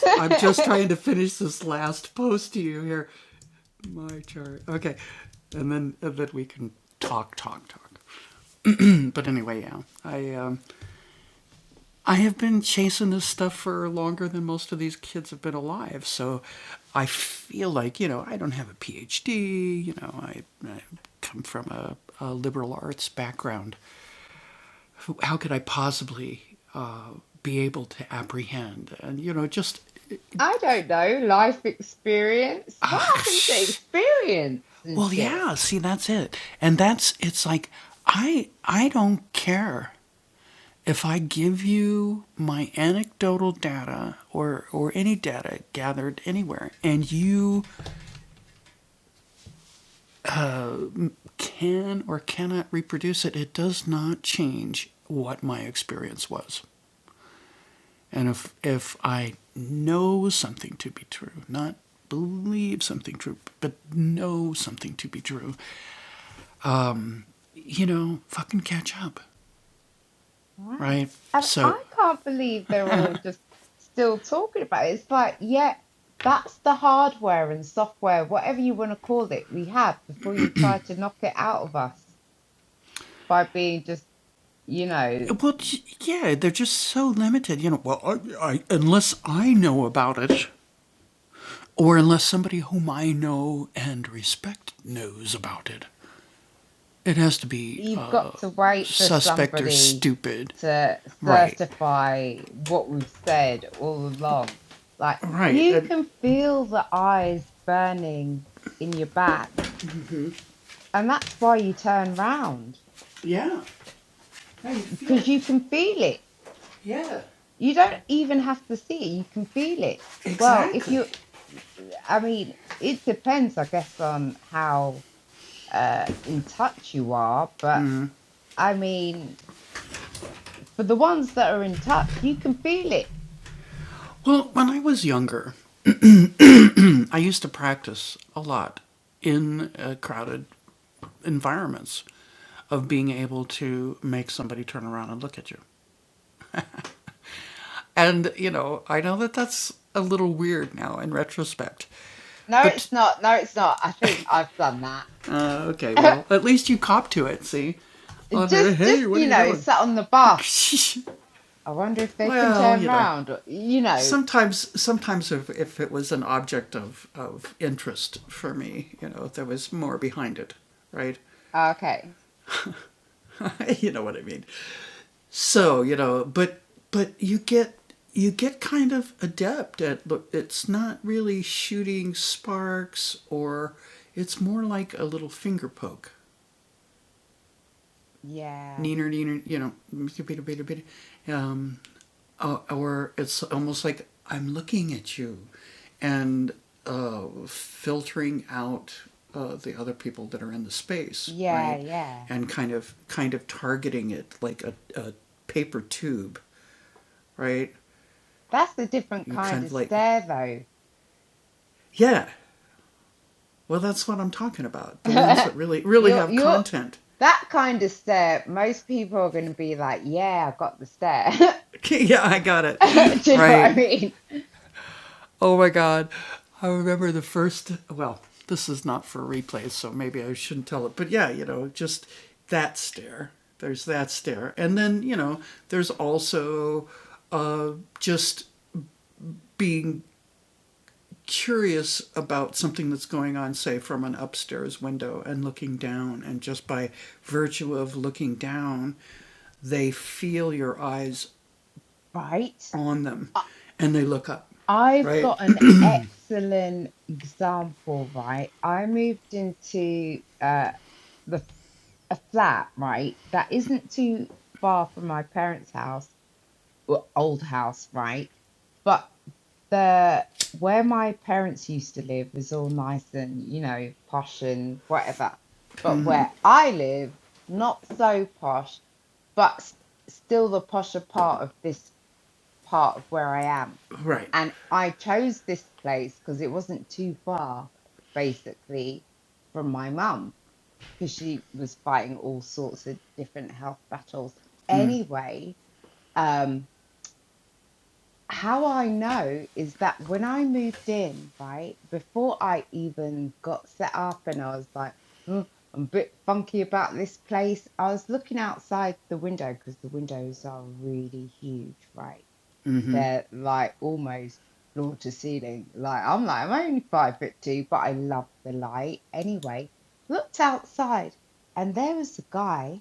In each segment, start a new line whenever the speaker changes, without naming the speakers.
I don't know. Life experience. What happens to experience and shit? Right. I, I can't believe they're all just still talking about it. It's like, yeah, that's the hardware and software, whatever you want to call it, we had before you tried to knock it out of us by being just, you know, you've got to wait for somebody to certify what we've said all along. Like you can feel the eyes burning in your back, and that's why you turn round because you can feel it. You don't even have to see it, you can feel it. Well, if you, I mean, it depends, I guess, on how uh, in touch you are, but I mean, for the ones that are in touch, you can feel it No, it's not. No, it's not. I think I've done that. just, just you know, sat on the bus. I wonder if they can turn round. Or, you know. Okay. Yeah. Yeah. Yeah. That's a different kind of stare, though. you're, you're that kind of stare. Most people are going to be like, "Yeah, I got the stare." Do you know what I mean? Right. I've got an excellent example, right? I moved into uh, the, a flat, right, that isn't too far from my parents' house, well, old house, right? But the where my parents used to live was all nice and, you know, posh and whatever. But where I live, not so posh, but s- still the posher part of this part of where I am. And I chose this place because it wasn't too far, basically, from my mum, because she was fighting all sorts of different health battles anyway. Um, how I know is that when I moved in, right, before I even got set up and I was like, "Oh, I'm a bit funky about this place, I was looking outside the window because the windows are really huge, right? they're like almost floor to ceiling. Like I'm like, I'm only five foot two, but I love the light. Anyway, looked outside and there was a guy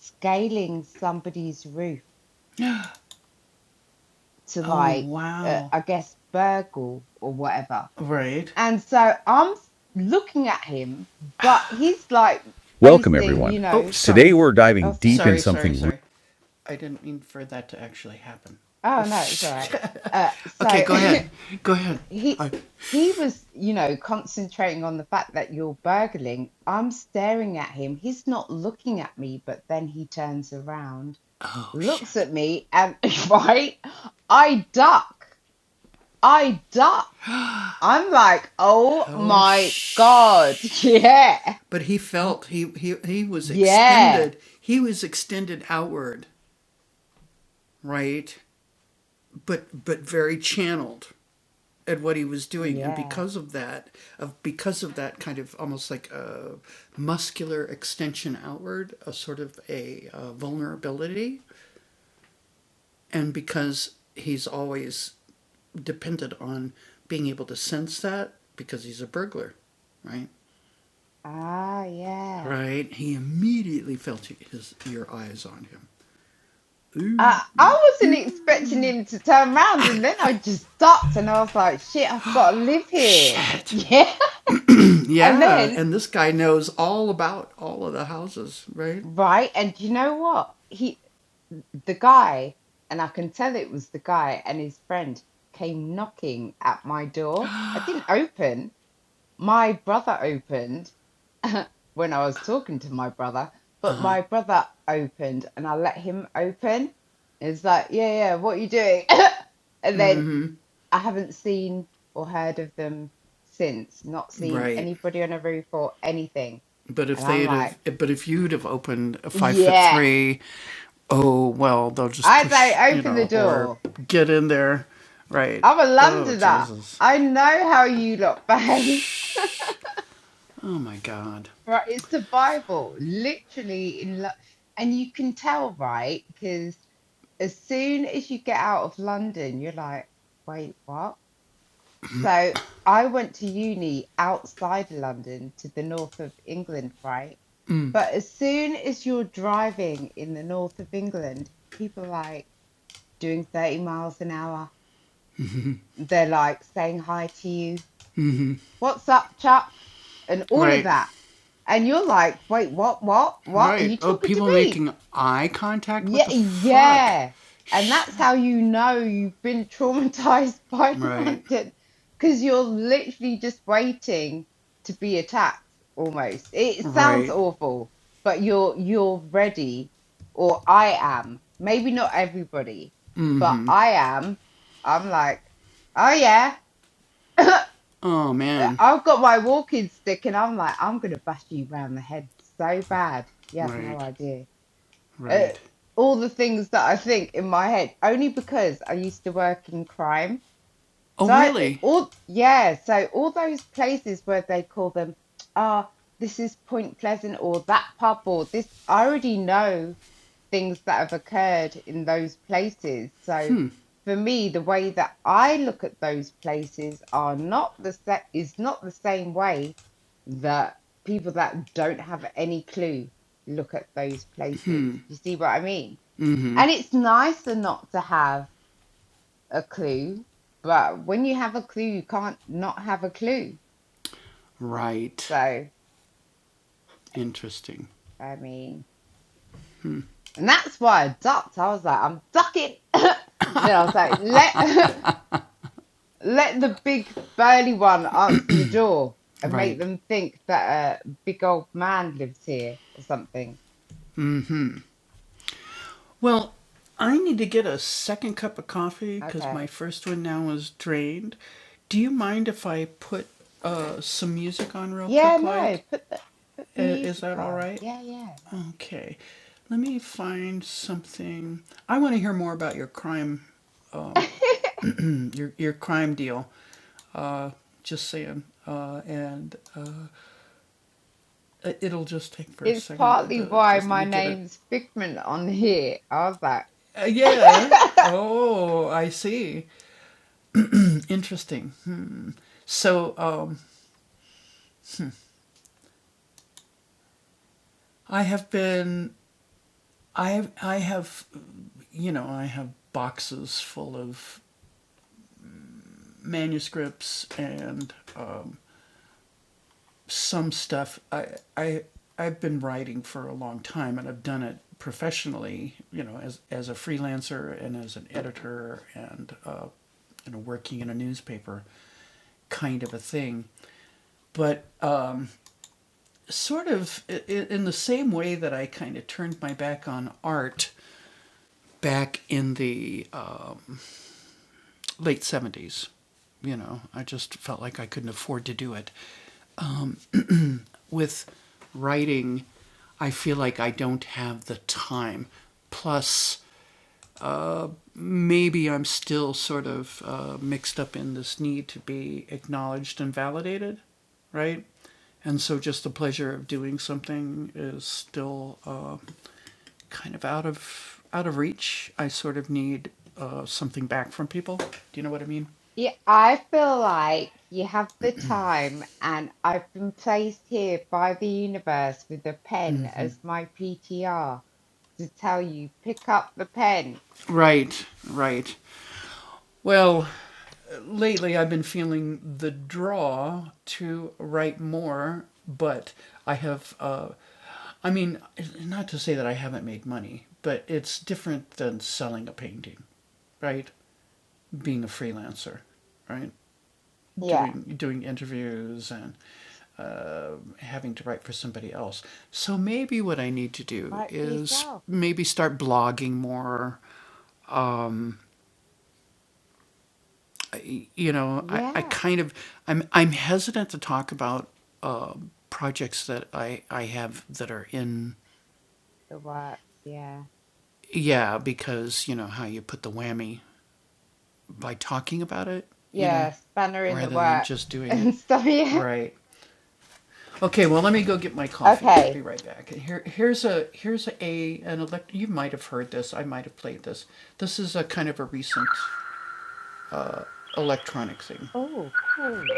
scaling somebody's roof to like, uh, I guess, burgle or whatever. And so I'm s- looking at him, but he's like facing, you know, oh, sorry. Oh, no, it's all right. Uh, so he he was you know concentrating on the fact that you're burgling i'm staring at him he's not looking at me but then he turns around looks at me and right i duck i duck i'm like oh my god yeah Y- yeah yeah ah yeah I, I wasn't expecting him to turn around and then I just stopped and I was like, shit, I've got to live here. Yeah. And then, right. And you know what? He, the guy, and I can tell it was the guy and his friend came knocking at my door. I didn't open. My brother opened when I was talking to my brother, but my brother opened and I let him open. It's like, yeah, yeah, what are you doing? and then I haven't seen or heard of them since, not seen anybody on a roof or anything. And I'm like, yeah, I say open the door. I'm a Londoner. I know how you lot behave. Right, it's survival, literally in Lo- and you can tell, right? Because as soon as you get out of London, you're like, wait, what? So I went to uni outside London to the north of England, right? But as soon as you're driving in the north of England, people are like doing 30 miles an hour. They're like saying hi to you. What's up, Chuck? And all of that. And you're like, wait, what, what, what? Are you talking to me? Yeah, yeah. And that's how you know you've been traumatized by London because you're literally just waiting to be attacked almost. It sounds awful, but you're you're ready, or I am. Maybe not everybody, but I am. I'm like, oh yeah. I've got my walking stick and I'm like, I'm gonna bash you round the head so bad. You have no idea uh, all the things that I think in my head, only because I used to work in crime. So I, all yeah, so all those places where they call them, ah, this is Point Pleasant or that pub or this, I already know things that have occurred in those places. So for me, the way that I look at those places are not the set is not the same way that people that don't have any clue look at those places. You see what I mean? And it's nicer not to have a clue, but when you have a clue, you can't not have a clue. So I mean, and that's why I ducked. I was like, I'm ducking. And then I was like, let Let the big burly one answer the door and make them think that a big old man lives here or something. Okay. Yeah, no, put the music on. Yeah, yeah, that'd be cool. it's partly why my name's Figment on here. I was like, yeah, I feel like you have the time, and I've been placed here by the universe with a pen as my PTR to tell you pick up the pen. Yeah. Write for yourself. Yeah, the works. Yeah. Yeah, spanner in the works and stuff. Yeah. Okay. Oh, cool.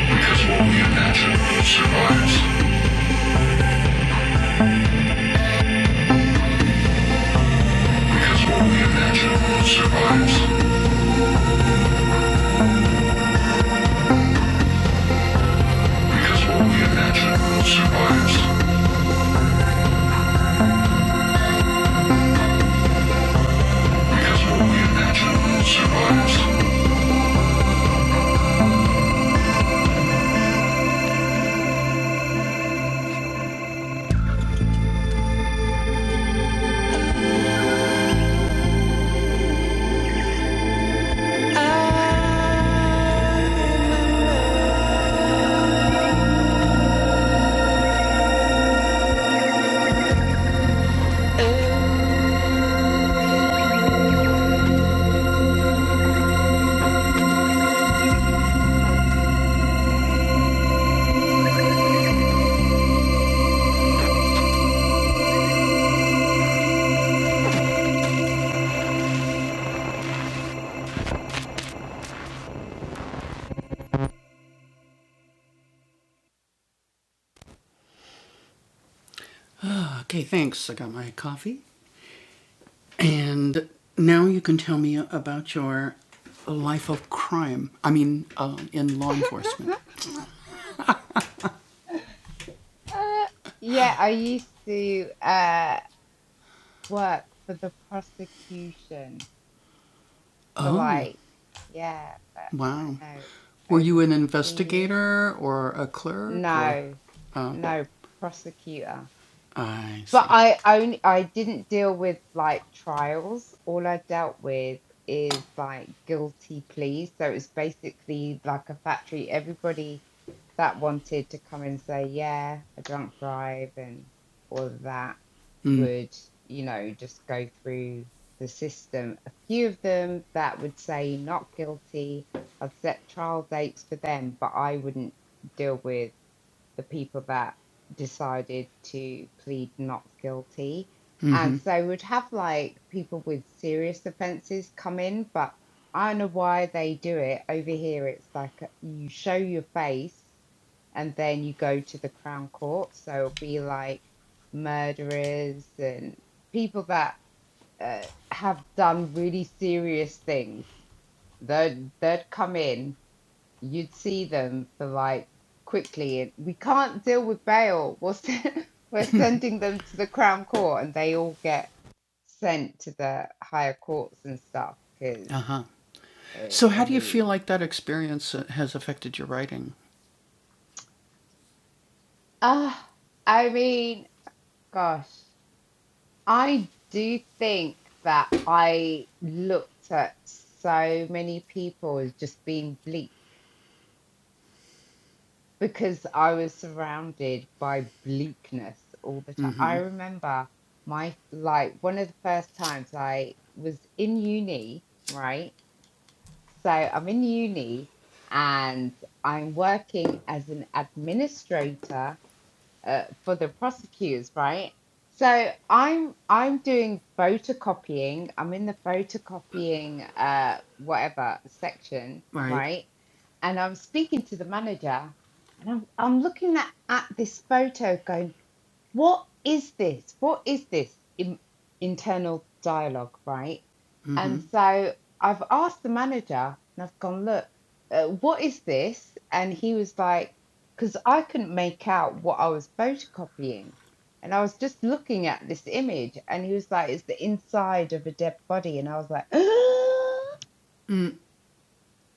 Because what we imagine survives. Because what we imagine survives. Because what we imagine survives. Because what we imagine survives.
Uh, yeah, I used to uh work for the prosecution for like, yeah, for I don't know, over 15 years. No, no, prosecutor. But I only I didn't deal with like trials. All I dealt with is like guilty pleas. So it's basically like a factory. Everybody that wanted to come and say, yeah, I drunk drive and all of that would, you know, just go through the system. A few of them that would say not guilty, I'd set trial dates for them, but I wouldn't deal with the people that decided to plead not guilty. And so we'd have like people with serious offenses come in, but I don't know why they do it. Over here, it's like uh, you show your face and then you go to the Crown Court. So it'll be like murderers and people that uh, have done really serious things. They'd, they'd come in you'd see them for like quickly and we can't deal with bail we'll send, we're sending them to the crown court and they all get sent to the higher courts and stuff because i mean ah i mean gosh i do think that i looked at so many people as just being bleak because I was surrounded by bleakness all the time. I remember my like one of the first times I was in uni, right? So I'm in uni and I'm working as an administrator uh, for the prosecutors, right? So I'm I'm doing photocopying. I'm in the photocopying uh whatever section, right? and I'm speaking to the manager, and I'm I'm looking at, at this photo, going, what is this? What is this in, internal dialogue, right? And so I've asked the manager, and I've gone, look, uh, what is this? And he was like, because I couldn't make out what I was photocopying. And I was just looking at this image, and he was like, it's the inside of a dead body. And I was like,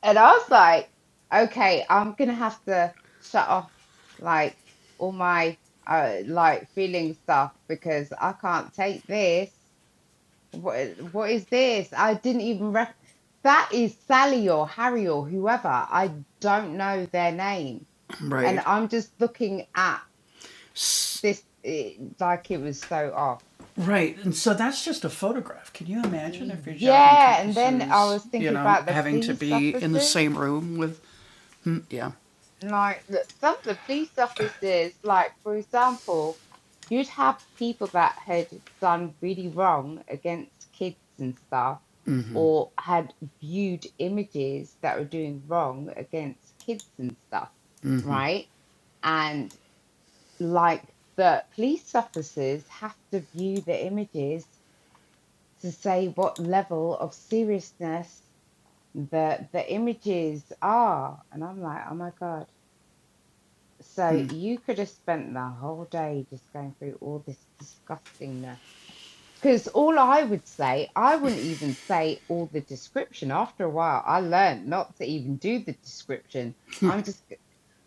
And I was like, okay, I'm gonna have to shut off like all my uh like feeling stuff because I can't take this. What what is this? I didn't even rec that is Sally or Harry or whoever. I don't know their name. And I'm just looking at this eh, like it was so off. Yeah, and then I was thinking about the police officers. Like that some of the police officers, like for example, you'd have people that had done really wrong against kids and stuff, or had viewed images that were doing wrong against kids and stuff, right? And like the police officers have to view the images to say what level of seriousness the the images are. And I'm like, oh my God. So you could have spent the whole day just going through all this disgustingness. Because all I would say, I wouldn't even say all the description. After a while, I learned not to even do the description. I'm just, g-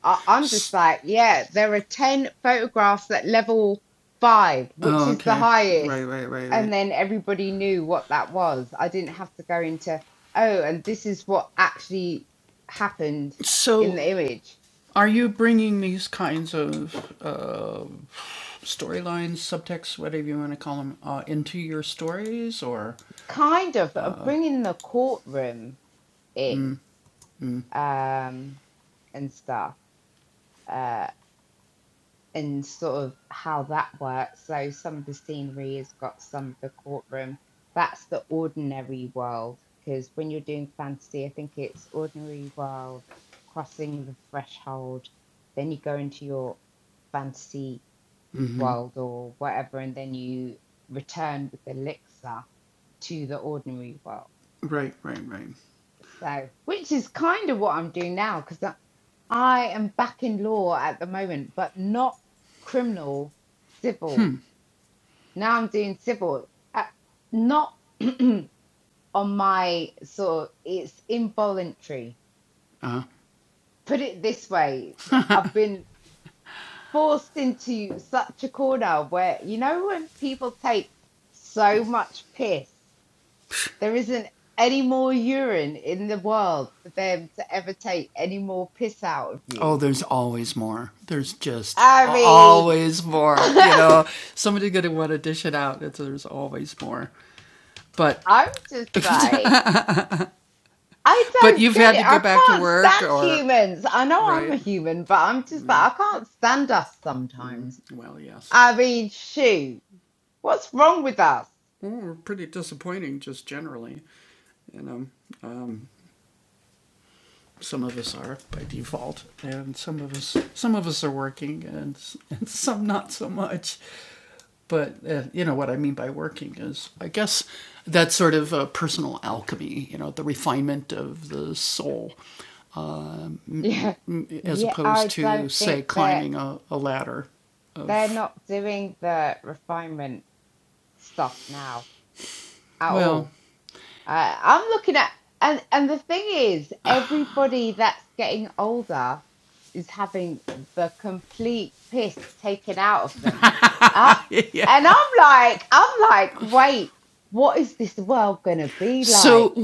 i am just i am just like, yeah, there are 10 photographs at level five, which is the highest. And then everybody knew what that was. I didn't have to go into, oh, and this is what actually happened in the image. kind of uh, bringing the courtroom in um and stuff uh and sort of how that works so some of the scenery has got some of the courtroom that's the ordinary world because when you're doing fantasy i think it's ordinary world crossing the threshold then you go into your fantasy world or whatever and then you return with the elixir to the ordinary world So, which is kind of what I'm doing now because I, I am back in law at the moment, but not criminal, civil. Now I'm doing civil, uh, not on my sort of, it's involuntary. Put it this way, I've been forced into such a corner where, you know, when people take so much piss There isn't any more urine in the world for them to ever take any more piss out of you. I mean, I'm just like, I don't get it. I can't stand humans. I know I'm a human, but I'm just like, I can't stand us sometimes. I mean, shoot, what's wrong with us? Yeah. Yeah, I don't think that they're not doing the refinement stuff now at all. I, I'm looking at and and the thing is, everybody that's getting older is having the complete piss taken out of them. Uh, and I'm like, I'm like, wait, what is this world gonna be like?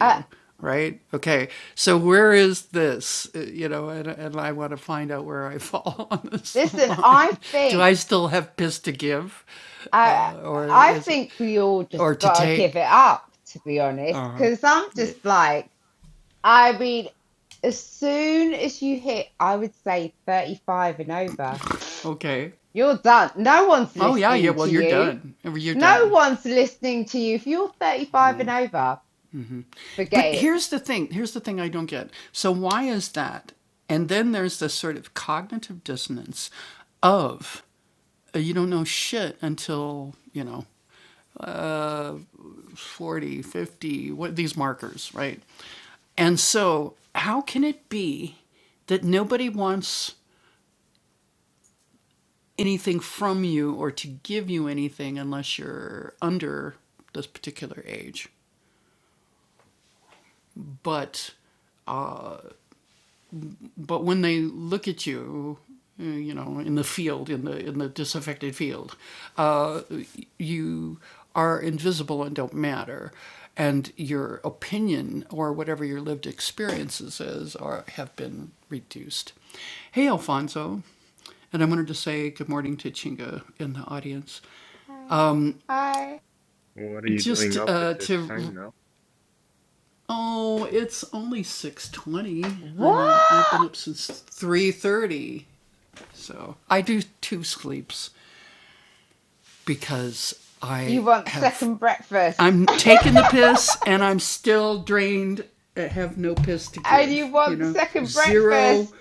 Uh, listen, I think I I think we all just gotta give it up, to be honest, because I'm just like, I mean, as soon as you hit, I would say 35 and over. You're done. No one's listening to you. No one's listening to you. If you're 35 and over, forget it. Hi. Hi.
What are you doing up at this time now?
What? You want second breakfast. and you want second breakfast.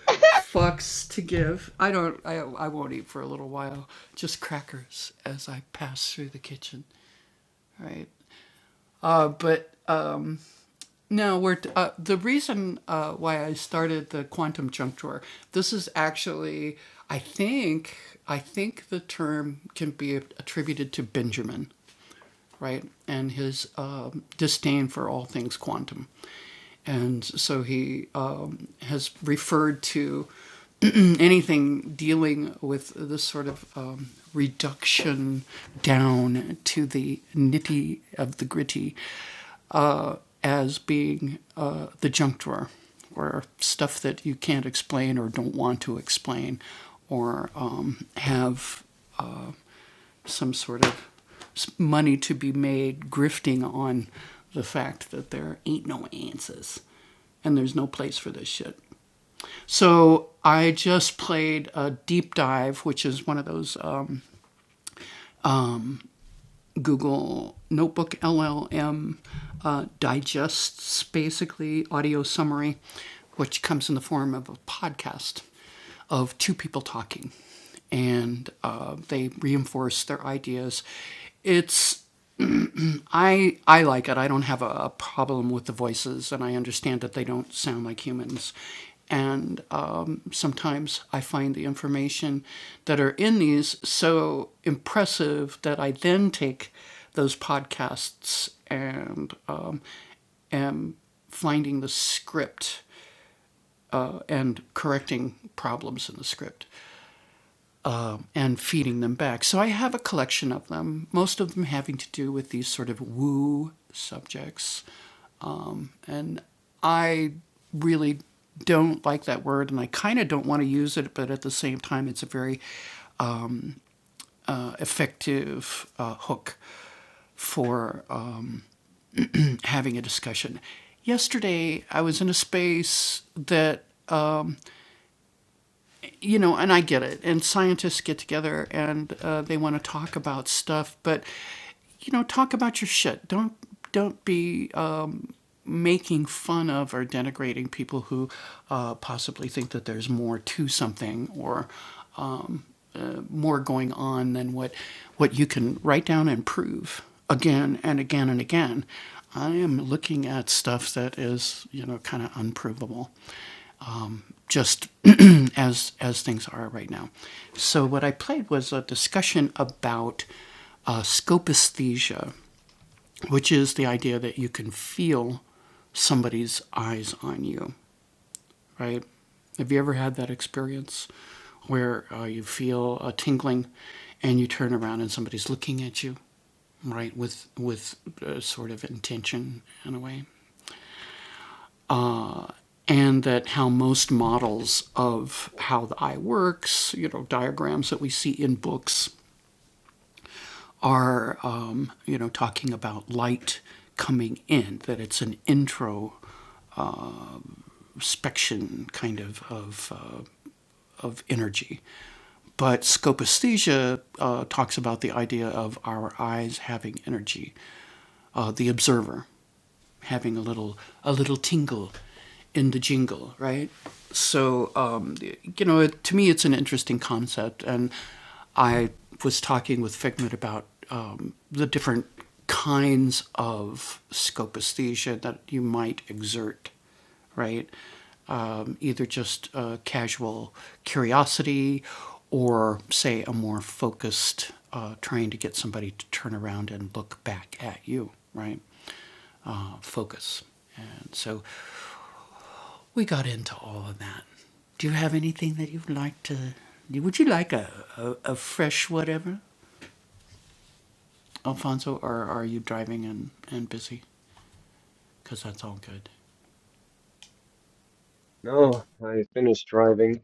No, I finished driving.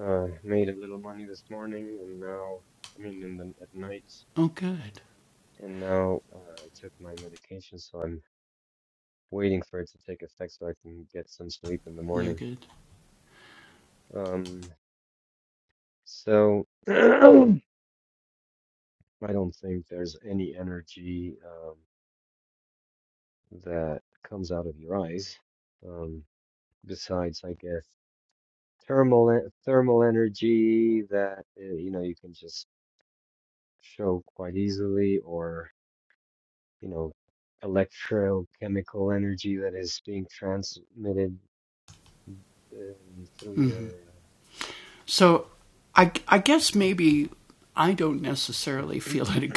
Uh, made a little money this morning, and now, I mean, in the at night, and now uh, I took my medication, so I'm waiting for it to take effect so I can get some sleep in the morning. Um, so I don't think there's any energy um, that comes out of your eyes, um, besides, I guess, thermal e- thermal energy that uh, you know you can just show quite easily, or you know, electrochemical energy that is being transmitted uh, through your. Uh,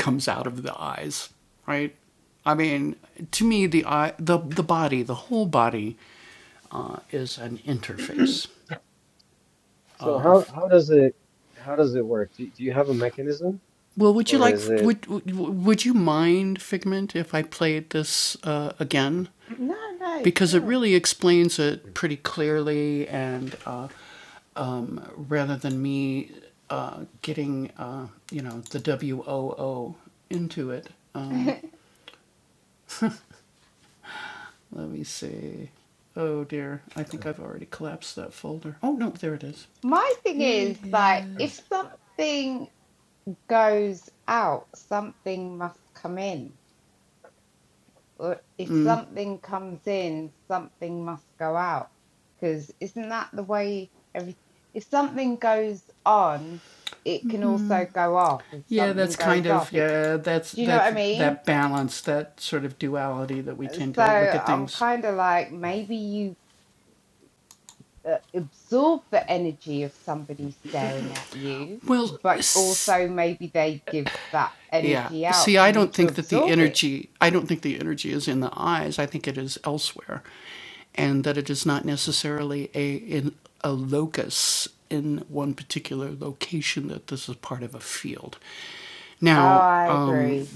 so how how does it how does it work? Do, do you have a mechanism, or is it?
No, no, sure. My thing is, like, if something goes out, something must come in. Or if something comes in, something must go out. Because isn't that the way every if something goes on, it can also go off. If something goes off, it do you know what I mean? Uh, So I'm kind of like maybe you uh, absorb the energy of somebody staring at you, but also maybe they give that energy out for you to absorb it. Oh, I agree.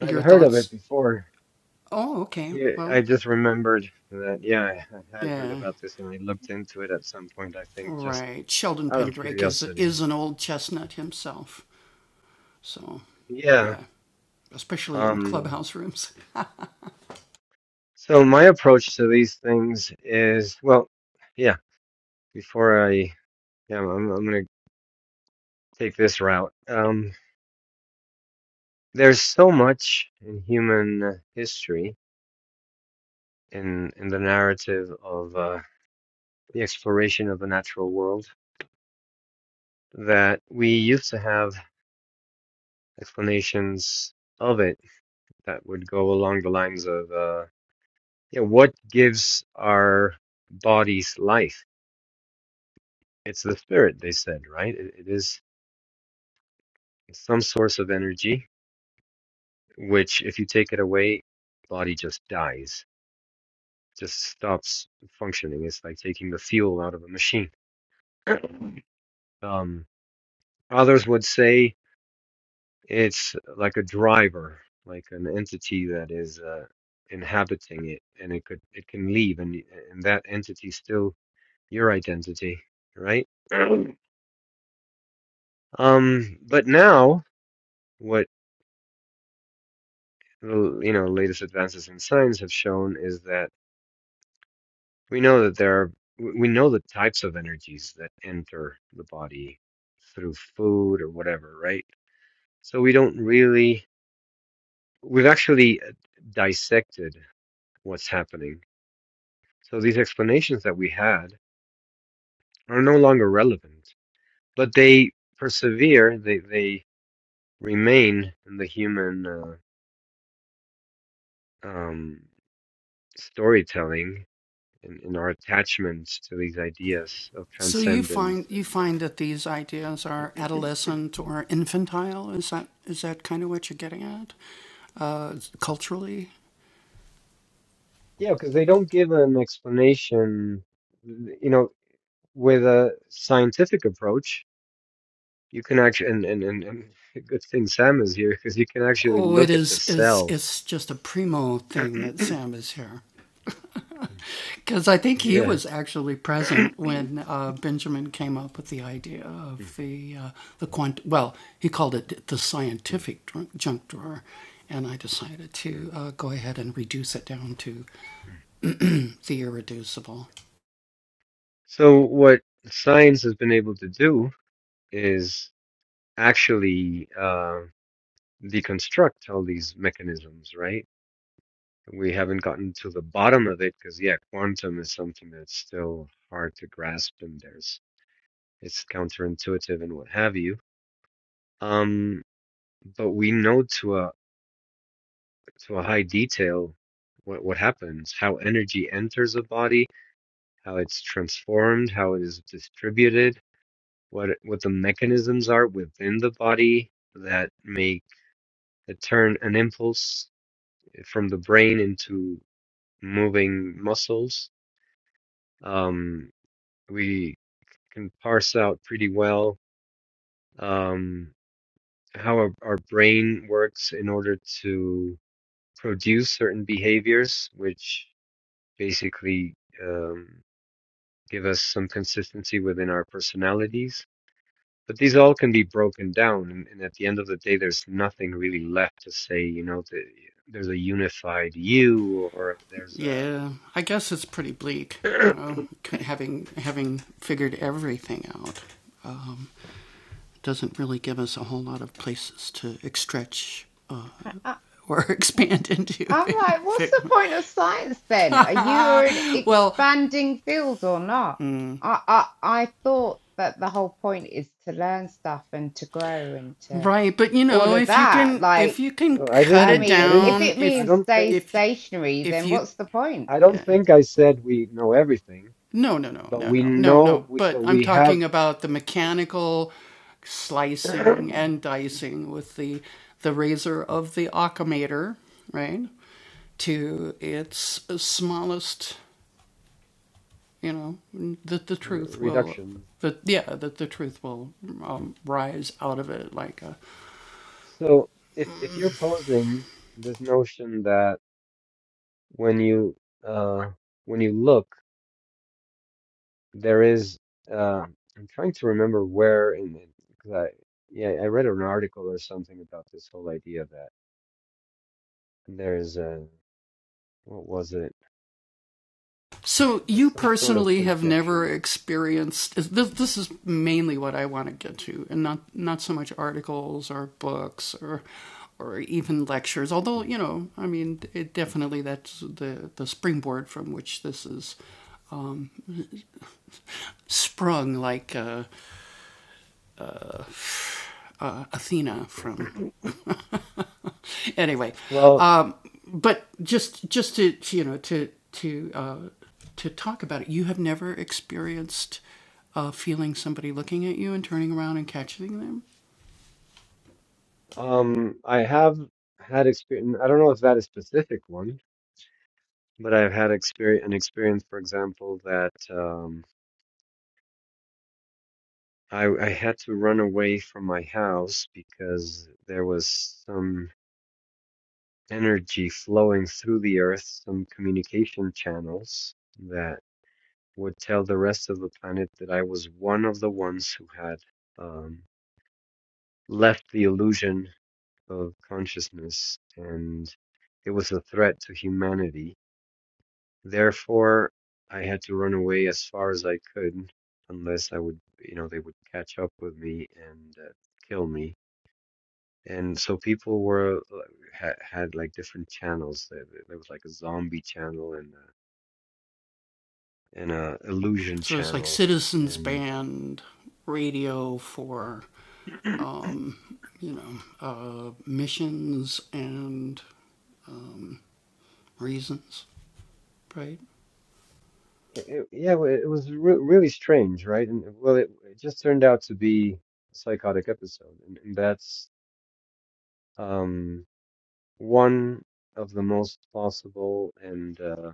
I've heard of it before. Yeah, I just remembered that. Yeah, I I had heard about this, and I looked into it at some point. I think just out of curiosity. Yeah. Um, so my approach to these things is, well, yeah, before I, yeah, I'm, I'm going to take this route. Um, there's so much in human history in, in the narrative of uh, the exploration of the natural world that we used to have explanations of it that would go along the lines of, uh, yeah, what gives our bodies life? It's the spirit, they said, right? It, it is some source of energy, which if you take it away, the body just dies, just stops functioning. It's like taking the fuel out of a machine. Um, others would say it's like a driver, like an entity that is uh, inhabiting it, and it could it can leave, and and that entity still your identity, right? Um, but now what? l- you know, latest advances in science have shown is that we know that there are, we know the types of energies that enter the body through food or whatever, right? So we don't really, we've actually uh, dissected what's happening. So these explanations that we had are no longer relevant, but they persevere, they, they remain in the human uh, um, storytelling in, in our attachments to these ideas of transcendence and uh, yeah because they don't give an explanation you know with a scientific approach you can actually and, and, and, and a good thing sam is here because you can actually look at the cell yeah so what science has been able to do is actually uh, deconstruct all these mechanisms right We haven't gotten to the bottom of it because, yeah, quantum is something that's still hard to grasp and there's it's counterintuitive and what have you. Um, but we know to a to a high detail what what happens, how energy enters a body, how it's transformed, how it is distributed, what it- what the mechanisms are within the body that make that turn an impulse from the brain into moving muscles. Um, we can parse out pretty well um, how our, our brain works in order to produce certain behaviors, which basically um, give us some consistency within our personalities. But these all can be broken down, and, and at the end of the day, there's nothing really left to say. You know, the, there's a unified you, or there's a
I, I'm like, what's the point of science then? Are you an expanding field or not? I, I I thought that the whole point is to learn stuff and to grow and to all of that. Like,
well, I
I
didn't, I
mean, if
didn't,
it
I
means
don't
stay
think,
stationary, then what's the point?
I don't think I said we know everything, but we know, we, but we have re- reduction. So if if you're posing this notion that when you uh when you look, there is uh I'm trying to remember where in the, cause I yeah I read an article or something about this whole idea that there's a what was it? There's some sort of projection. Well, um, I have had experience. I don't know if that is specific one, But I've had experience, an experience, for example, that um, I, I had to run away from my house because there was some energy flowing through the earth, some communication channels that would tell the rest of the planet that I was one of the ones who had um, left the illusion of consciousness, and it was a threat to humanity Therefore, I had to run away as far as I could, unless I would, you know, they would catch up with me and uh, kill me. And so people were had, had like different channels. There, there was like a zombie channel and a, and a illusion channel, and uh, it, yeah, well, it was re really strange, right? And well, it, it just turned out to be a psychotic episode, and, and that's um, one of the most possible and. uh,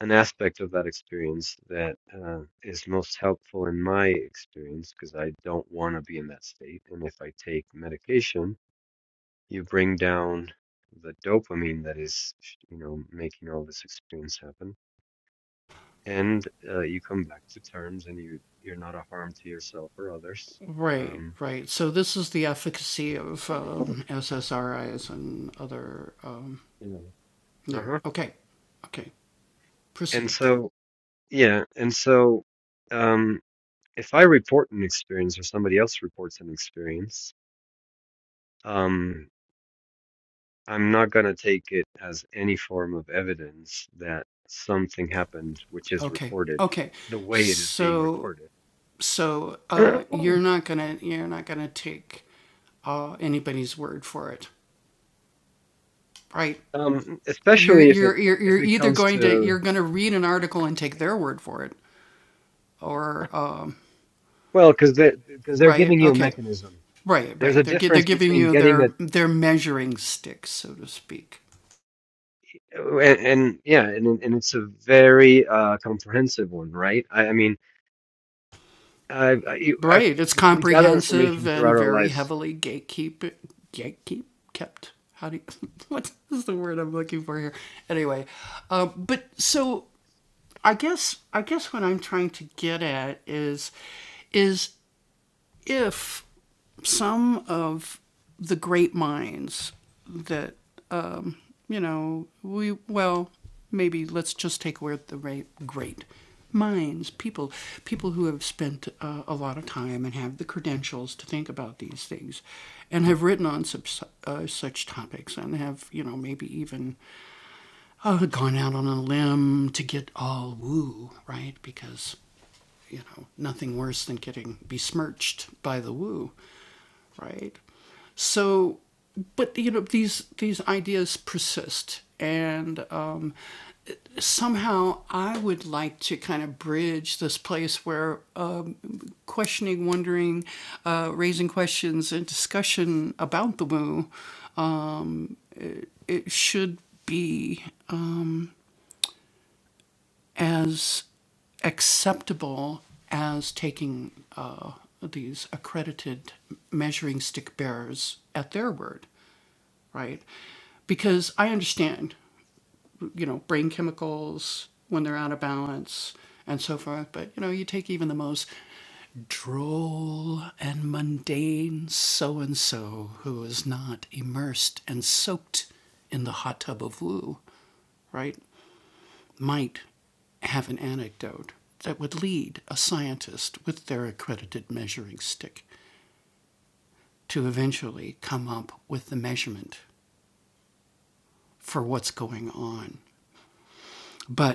an aspect of that experience that uh, is most helpful in my experience because I don't want to be in that state. And if I take medication, you bring down the dopamine that is, you know, making all this experience happen, and uh, you come back to terms, and you you're not a harm to yourself or others. Um, you know. Uh huh. And so yeah, and so um, if I report an experience or somebody else reports an experience. Um, I'm not going to take it as any form of evidence that something happened which is reported the way it is being reported. Um, especially if it if it comes to well, because they because they're giving you a mechanism. There's a difference between getting a and, and yeah, and and it's a very uh, comprehensive one, right? I, I mean, I've, I, you- I've we gather information throughout our lives.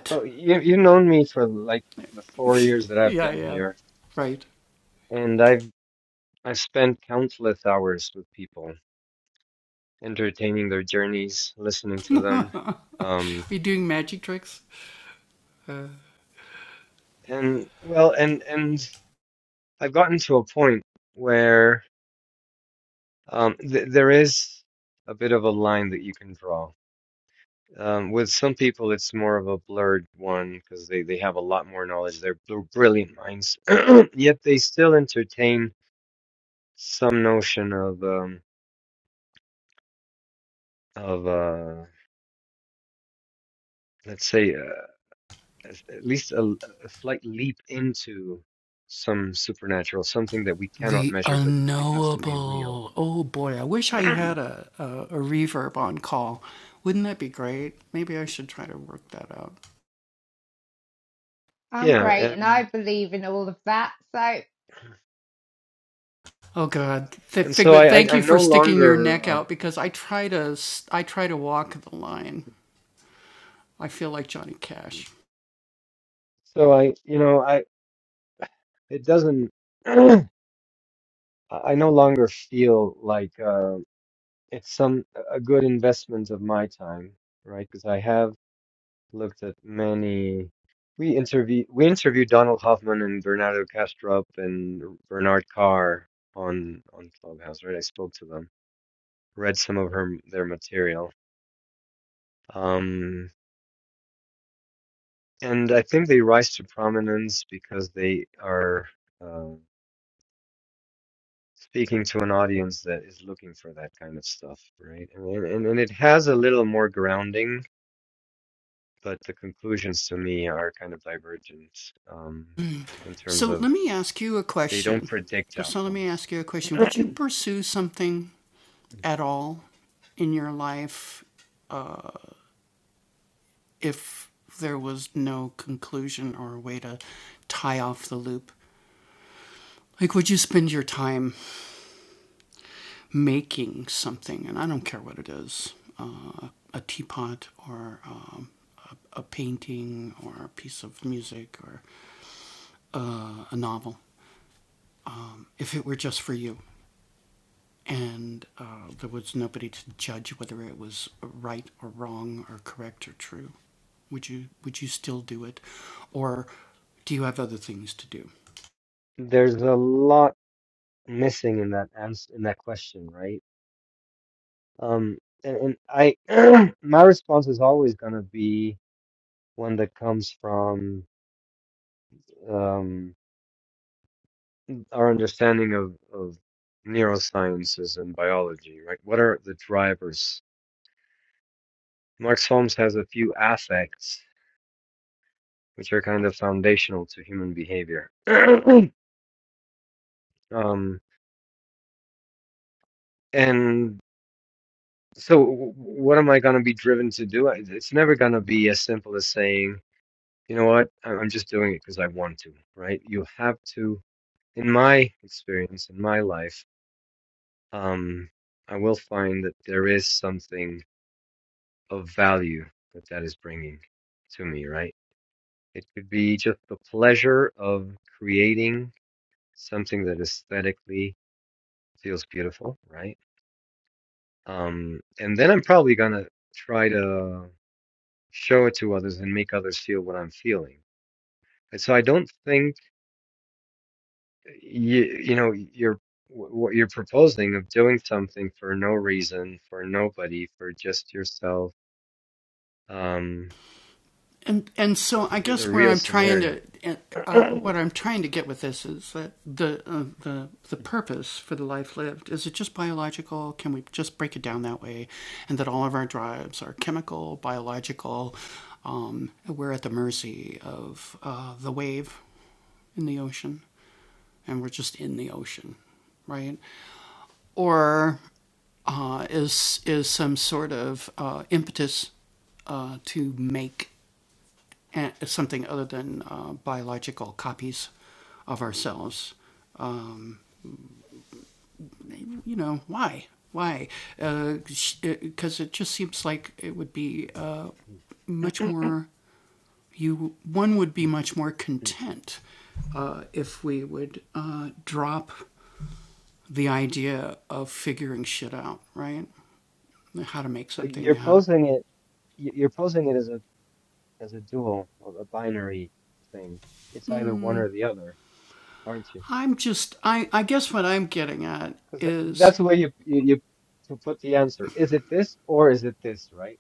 Well, you you've known me for like the four years that I've been here. and I've. I've spent countless hours with people, entertaining their journeys, listening to them. Um, and well, and and I've gotten to a point where um, th there is a bit of a line that you can draw. Um, with some people, it's more of a blurred one because they they have a lot more knowledge. They're, they're brilliant minds, yet they still entertain some notion of um, of uh, let's say. uh, as- at least a, a slight leap into some supernatural, something that we cannot measure but has to be real.
I'm
Yeah,
great and I
and
believe in all of that. So
and so I I, I no longer um, so I you know I it doesn't I I no longer feel like uh, it's some a good investment of my time, right? Because I have. looked at many. We interview we interviewed Donald Hoffman and Bernardo Castrop and Bernard Carr on on Clubhouse, right? I spoke to them, read some of her their material, um, and I think they rise to prominence because they are uh, speaking to an audience that is looking for that kind of stuff, right? And, and and it has a little more grounding, but the conclusions to me are kind of divergent um, in terms of They don't predict outcomes. There's a lot missing in that answer, in that question, right? Um, and, and I, my response is always gonna be one that comes from um, our understanding of, of neurosciences and biology, right? What are the drivers? Marx Holmes has a few affects, which are kind of foundational to human behavior. um, and So w- what am I going to be driven to do? I- It's never going to be as simple as saying, you know what, I- I'm just doing it because I want to, right? You have to, in my experience, in my life, um, I will find that there is something of value that that is bringing to me, right? It could be just the pleasure of creating something that aesthetically feels beautiful, right? Um, and then I'm probably going to try to show it to others and make others feel what I'm feeling. And so I don't think you you know you're what you're proposing of doing something for no reason, for nobody, for just yourself um, is a real scenario. So you're posing it y- you're posing it as a as a dual, or a binary thing. It's either one or the other, aren't you? Because that's the way you, you you to put the answer. Is it this or is it this, right?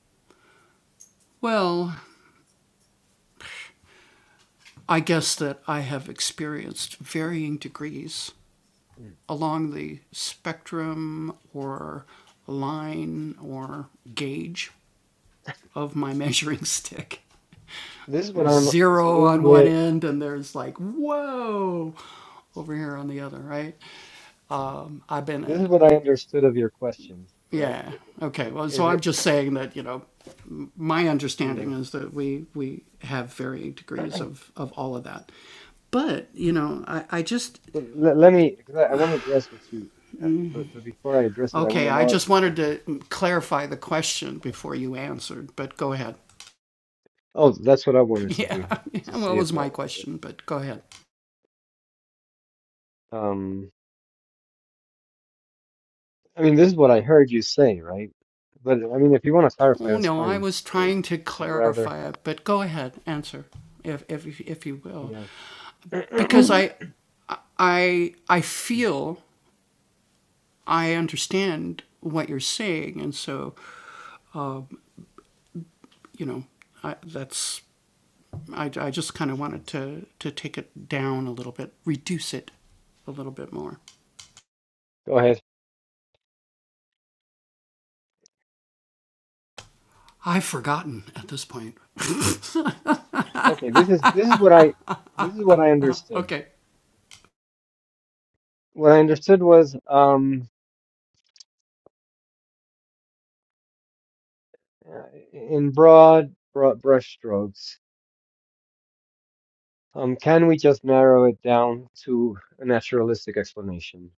This is what I'm, so this is the way, this is what I understood of your question, right? I- i- Is it, yeah. But let, let me, because I, I want to address what you, uh, but, but before I address it, I want to know if, oh, that's what I wanted to do, to see if, I, if, um, I mean, this is what I heard you say, right? But I mean, if you want to clarify, that's fine. Uh, would you rather? Yeah. Go ahead. Okay, this is, this is what I, this is what I understood. What I understood was, Um. Uh, in broad, broad brushstrokes, um, can we just narrow it down to a naturalistic explanation,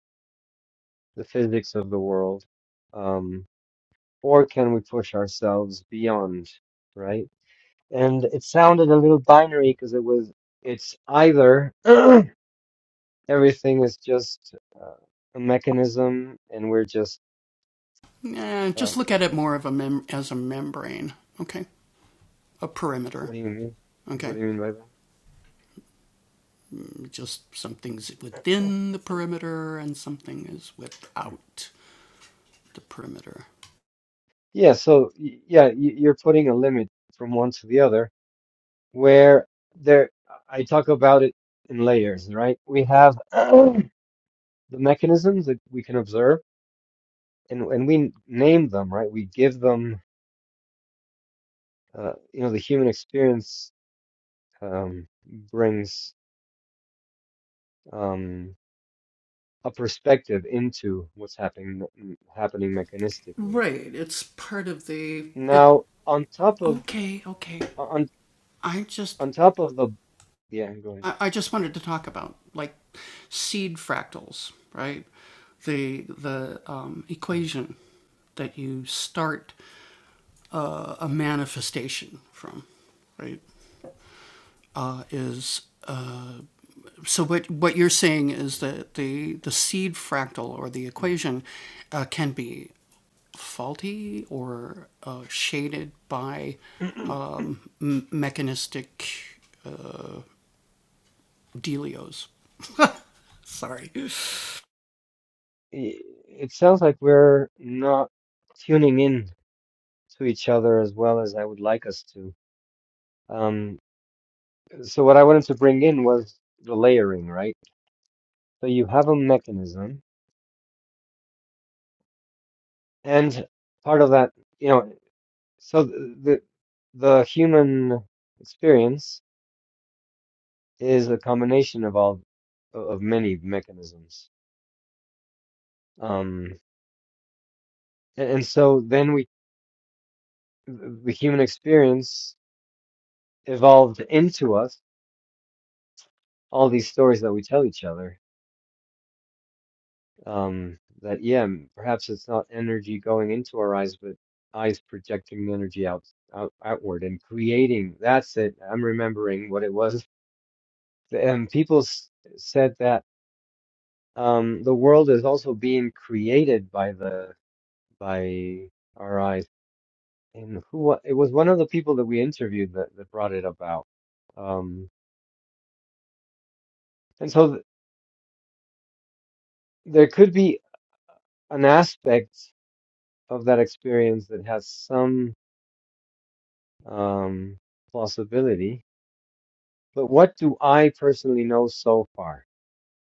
the physics of the world, um, or can we push ourselves beyond, right? And it sounded a little binary because it was, it's either everything is just uh, a mechanism and we're just, um, what do you mean? What do you mean by that? Hmm. Yeah, so y- yeah, y- you're putting a limit from one to the other where there I talk about it in layers, right? We have the mechanisms that we can observe, and and we name them, right? We give them, uh, you know, the human experience um, brings um, a perspective into what's happening happening mechanistically. Now, on top of on on top of the yeah, go ahead. It sounds like we're not tuning in to each other as well as I would like us to. Um, so what I wanted to bring in was the layering, right? So you have a mechanism, and part of that, you know, so th- the the human experience is a combination of all of many mechanisms. Um, and, and so then we, the human experience evolved into us all these stories that we tell each other Um, that yeah, m- perhaps it's not energy going into our eyes, but eyes projecting energy out, out outward and creating. That's it. I'm remembering what it was. And people s said that um, the world is also being created by the by our eyes. And who wa- it was one of the people that we interviewed that, that brought it about. Um, and so th there could be an aspect of that experience that has some um, plausibility But what do I personally know so far?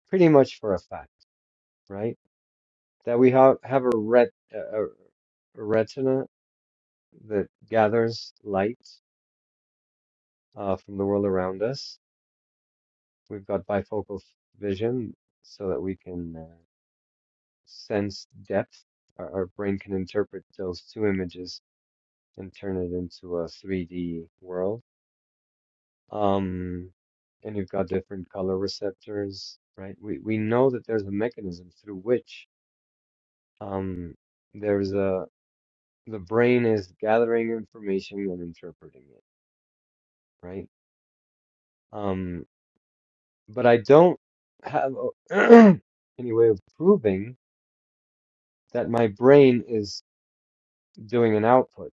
Pretty much for a fact, right? That we have, have a, ret, a, a retina that gathers light uh, from the world around us. We've got bifocal f- vision so that we can uh, sense depth. Our, our brain can interpret those two images and turn it into a 3D world. Um, and you've got different color receptors, right? We, we know that there's a mechanism through which um there's a the brain is gathering information and interpreting it right um but i don't have a- any way of proving that my brain is doing an output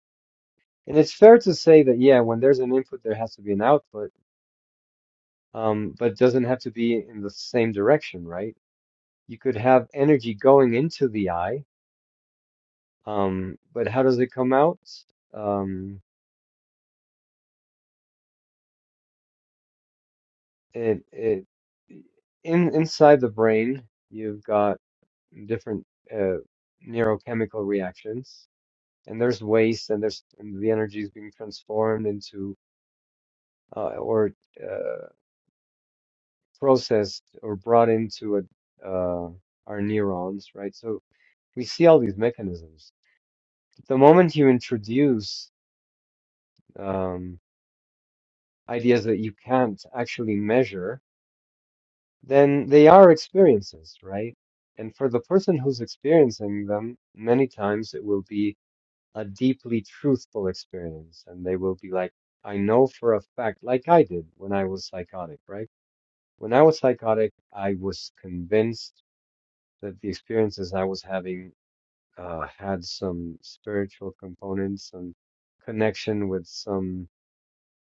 and it's fair to say that yeah when there's an input there has to be an output um but it doesn't have to be in the same direction right you could have energy going into the eye um but how does it come out Um, It it in inside the brain, you've got different uh, neurochemical reactions, and there's waste, and there's and the energy is being transformed into uh, or uh, processed or brought into a, uh, our neurons, right? So we see all these mechanisms. The moment you introduce um, ideas that you can't actually measure, then they are experiences, right? And for the person who's experiencing them, many times it will be a deeply truthful experience. And they will be like, I know for a fact, like I did when I was psychotic, right? When I was psychotic, I was convinced that the experiences I was having uh, had some spiritual components, some connection with some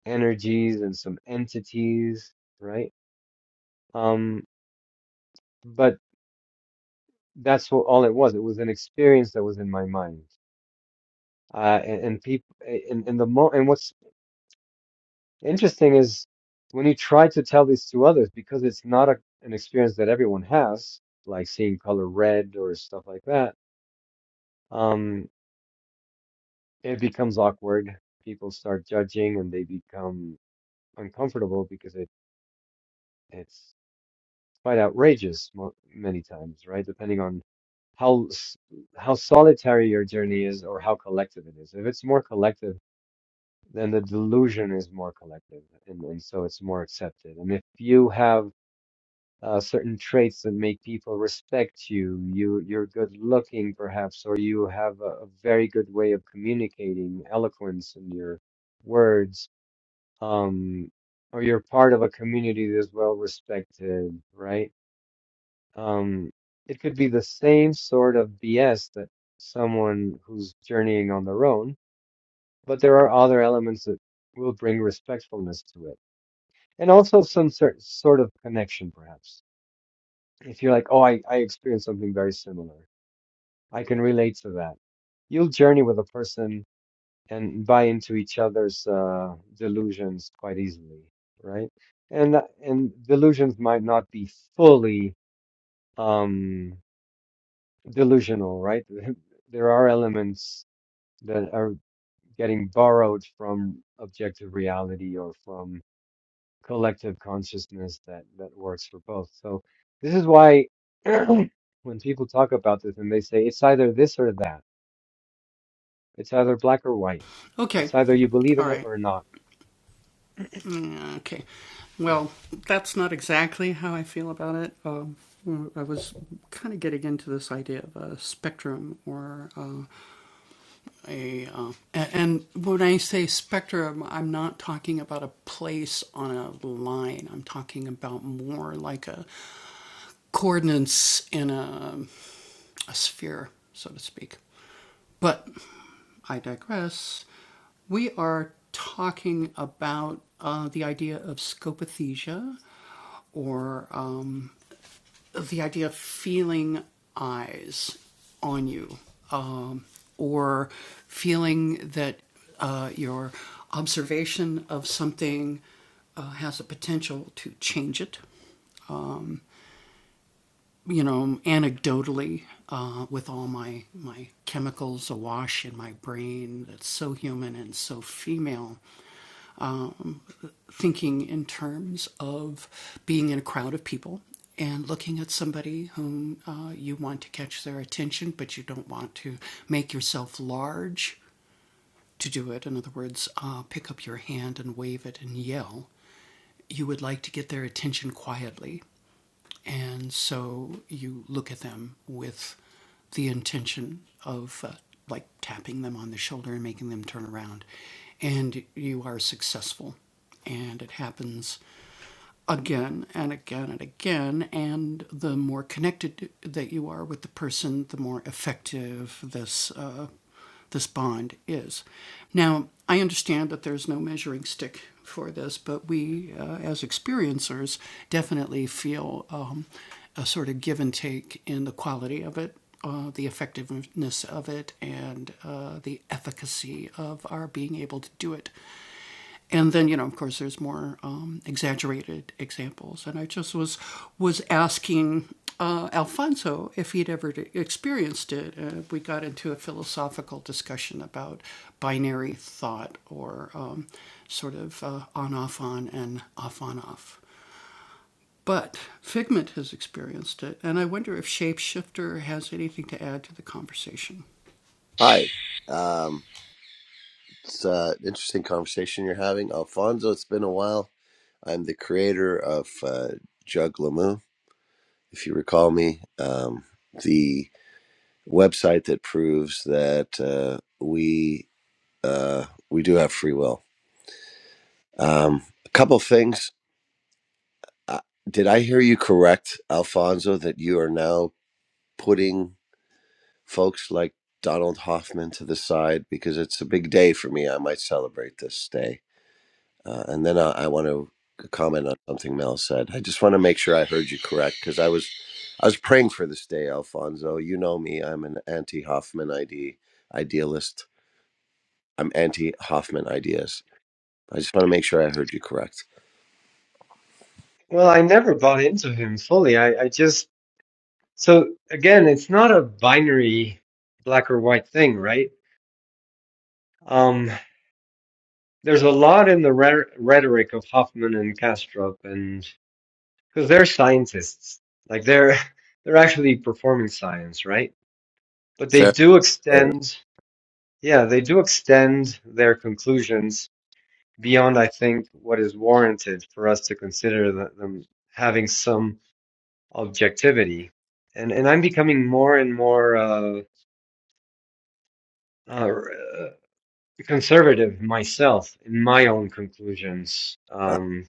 energies and some entities, right? Um, but that's what, all it was. It was an experience that was in my mind. Uh, and, and people, and, and the mo, and what's interesting is when you try to tell this to others, because it's not a, an experience that everyone has, like seeing color red or stuff like that, um, it becomes awkward. People start judging and they become uncomfortable because it, it's quite outrageous mo many times, right? Depending on how s- how solitary your journey is or how collective it is. If it's more collective, and the delusion is more collective, and, and so it's more accepted. And if you have uh, certain traits that make people respect you, you you're good looking, perhaps, or you have a, a very good way of communicating, eloquence in your words, um, or you're part of a community that's well respected, right? Um, it could be the same sort of BS that someone who's journeying on their own, but there are other elements that will bring respectfulness to it And also some sort sort of connection, perhaps. If you're like, oh, I, I experienced something very similar. I can relate to that. You'll journey with a person and buy into each other's uh, delusions quite easily, right? And that- and delusions might not be fully um, delusional, right? There are elements that are getting borrowed from objective reality or from collective consciousness that that works for both. So this is why when people talk about this and they say it's either this or that, it's either black or white, it's either you believe in it or not.
Hi. Um, it's uh, an interesting conversation you're having. Alfonso, it's been a while. I'm the creator of uh, Jug Lamu, if you recall me, um, the website that proves that uh, we uh, we do have free will. Um, a couple things. Uh, did I hear you correct, Alfonso, that you are now putting folks like Donald Hoffman to the side because it's a big day for me. I might celebrate this day Uh, and then I, I want to comment on something Mel said. I just want to make sure I heard you correct because I was, I was praying for this day, Alfonso. You know me; I'm an anti-Hoffman ide, idealist. I'm anti-Hoffman ideas. I just want to make sure I heard you correct.
Well, I never bought into him fully. I, I just so again, it's not a binary black or white thing, right? Um, there's a lot in the re rhetoric of Hoffman and Kastrup, and because they're scientists, like they're they're actually performing science, right? But they
Fair.
do
fair enough.
extend, yeah, they do extend their conclusions beyond, I think, what is warranted for us to consider th- them having some objectivity. And and I'm becoming more and more uh, uh, conservative myself in my own conclusions
Uh,
um,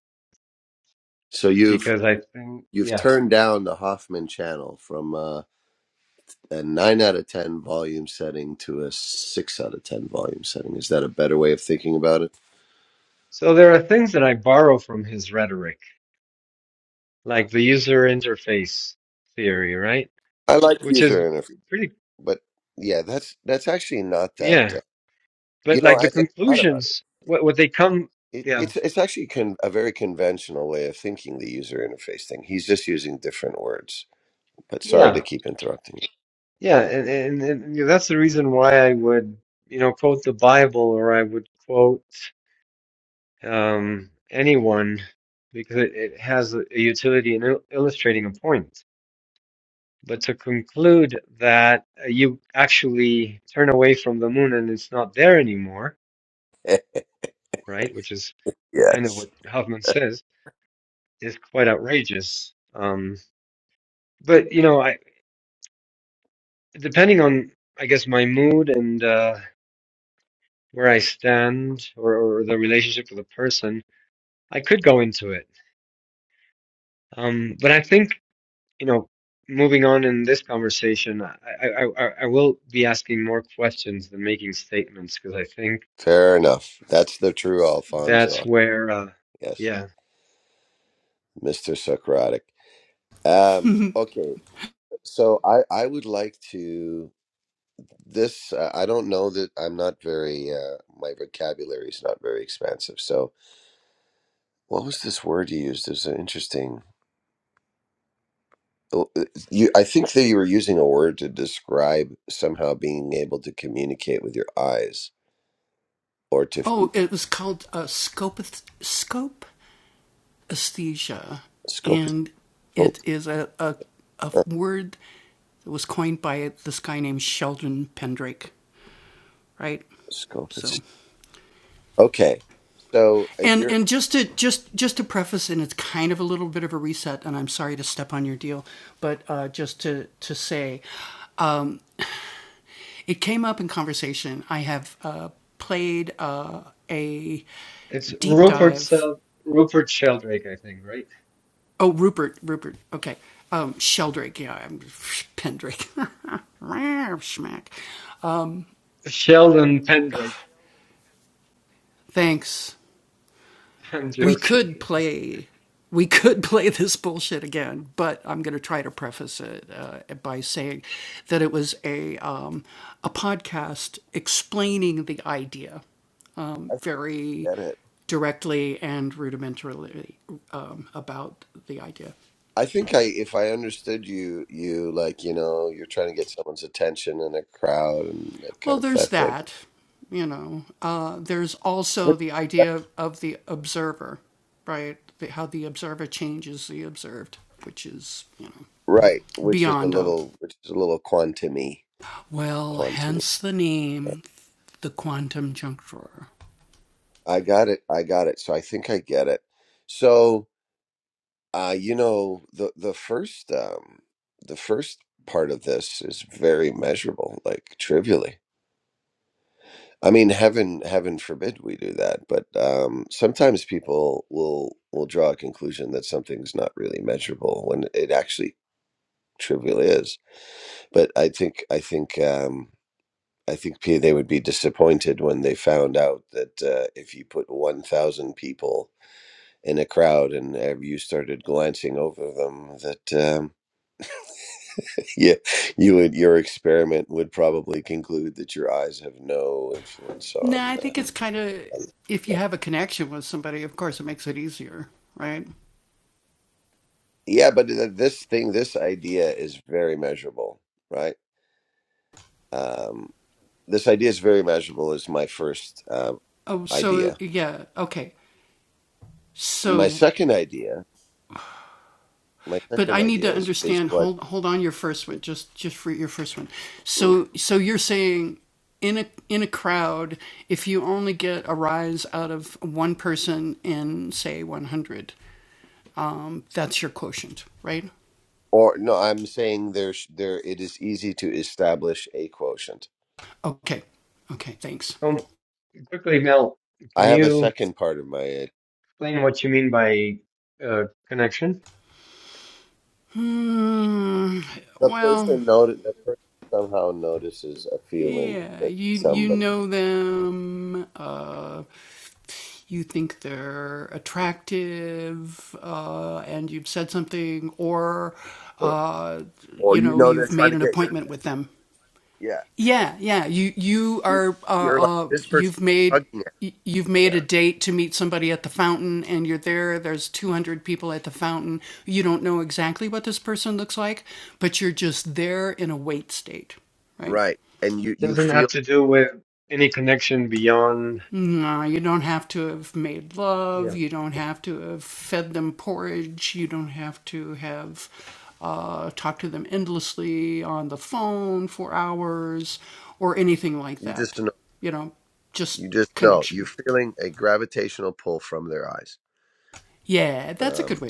so you've
because I think,
you've
yeah.
turned down the Hoffman channel from uh, a nine out of ten volume setting to a six out of ten volume setting. Is that a better way of thinking about it?
So there are things that I borrow from his rhetoric, like the user interface theory, right?
I like
Which is
user interface.
pretty,
but yeah, that's that's actually not that.
yeah
Uh, you
But
know,
like the
as I thought about
conclusions,
it,
what what they come,
it
yeah,
it's it's actually con- a very conventional way of thinking the user interface thing. He's just using different words. But sorry
yeah,
to keep interrupting you.
yeah, and and, and you know, that's the reason why I would you know quote the Bible or I would quote um, anyone because it, it has a utility in il- illustrating a point. But to conclude that uh, you actually turn away from the moon and it's not there anymore, right? Which is kind of
Yes,
what Huffman says is quite outrageous. Um, but you know, I. depending on I guess my mood and uh, where I stand or, or the relationship with a person, I could go into it. Um, but I think you know, moving on in this conversation, I, I, I, I will be asking more questions than making statements because I think
fair enough. That's the true
that's
Alfonso.
where uh,
Yes,
yeah,
Mister Socratic. Um, okay, so I I would like to this. Uh, I don't know that I'm not very. Uh, my vocabulary is not very expansive. So what was this word you used? It was an interesting. Oh, uh, you i think that you were using a word to describe somehow being able to communicate with your eyes or to f- scope it- scope uh, scope is- okay so uh, you're
it's Rupert Sel Rupert Sheldrake, I think, right? Sheldon Pendrake. I'm joking.
i think I get it i think i if i understood you you like you know you're trying to get someone's attention in a crowd and that kind of that thing Which- right which is a little which is a little quantumy quantumy i got it i got it so i think i get it so Uh, you know, the the first um the first part of this is very measurable, like trivially. I mean, heaven heaven forbid we do that, but um sometimes people will will draw a conclusion that something's not really measurable when it actually trivially is. But I think I think um I think P they would be disappointed when they found out that uh, if you put 1,000 people in a crowd and uh, you started glancing over them that um yeah, you would. Your experiment would probably conclude that your eyes have no influence on. Uh, on yeah, Yeah, but th- this thing, this idea is very measurable, right? Um, this idea is very measurable. Is my first uh, idea. My second idea, my second idea is is what, mm, or no, I'm saying there's there. It is easy to establish a quotient.
Um, quickly, Mel,
I
can
have a
you?
second part of my
explain what you mean by uh, connection.
The person noted the person somehow notices a feeling that somebody, or you know, they're trying to get your yeah. You're, you're like this person's hugging it. Yeah, right. And
So
you
it
you
doesn't have
feel
to do with any connection beyond. Yeah.
you just know you just know you're feeling a gravitational pull from their eyes. Um.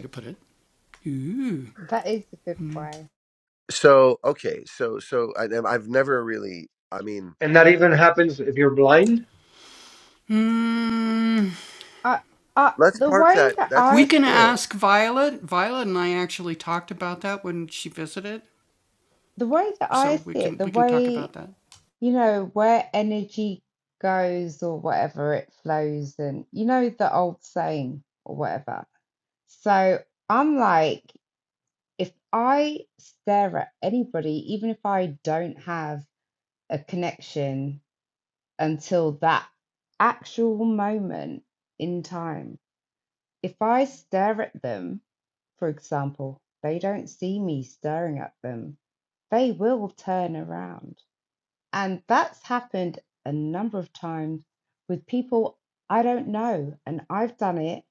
that is a good way.
So okay. So so I, I've never really. I mean,
And that even happens if you're blind.
I, I,
let's
the
park
way
that.
that
That's
I
an
see it, the way that I see it, the way. you know, where energy goes or whatever, it flows. And you know, the old saying or whatever. So I'm like, if I stare at anybody, even if I don't have a connection until that actual moment in time, if I stare at them, for example, they don't see me staring at them, they will turn around and that's happened a number of times with people I don't know. And I've done it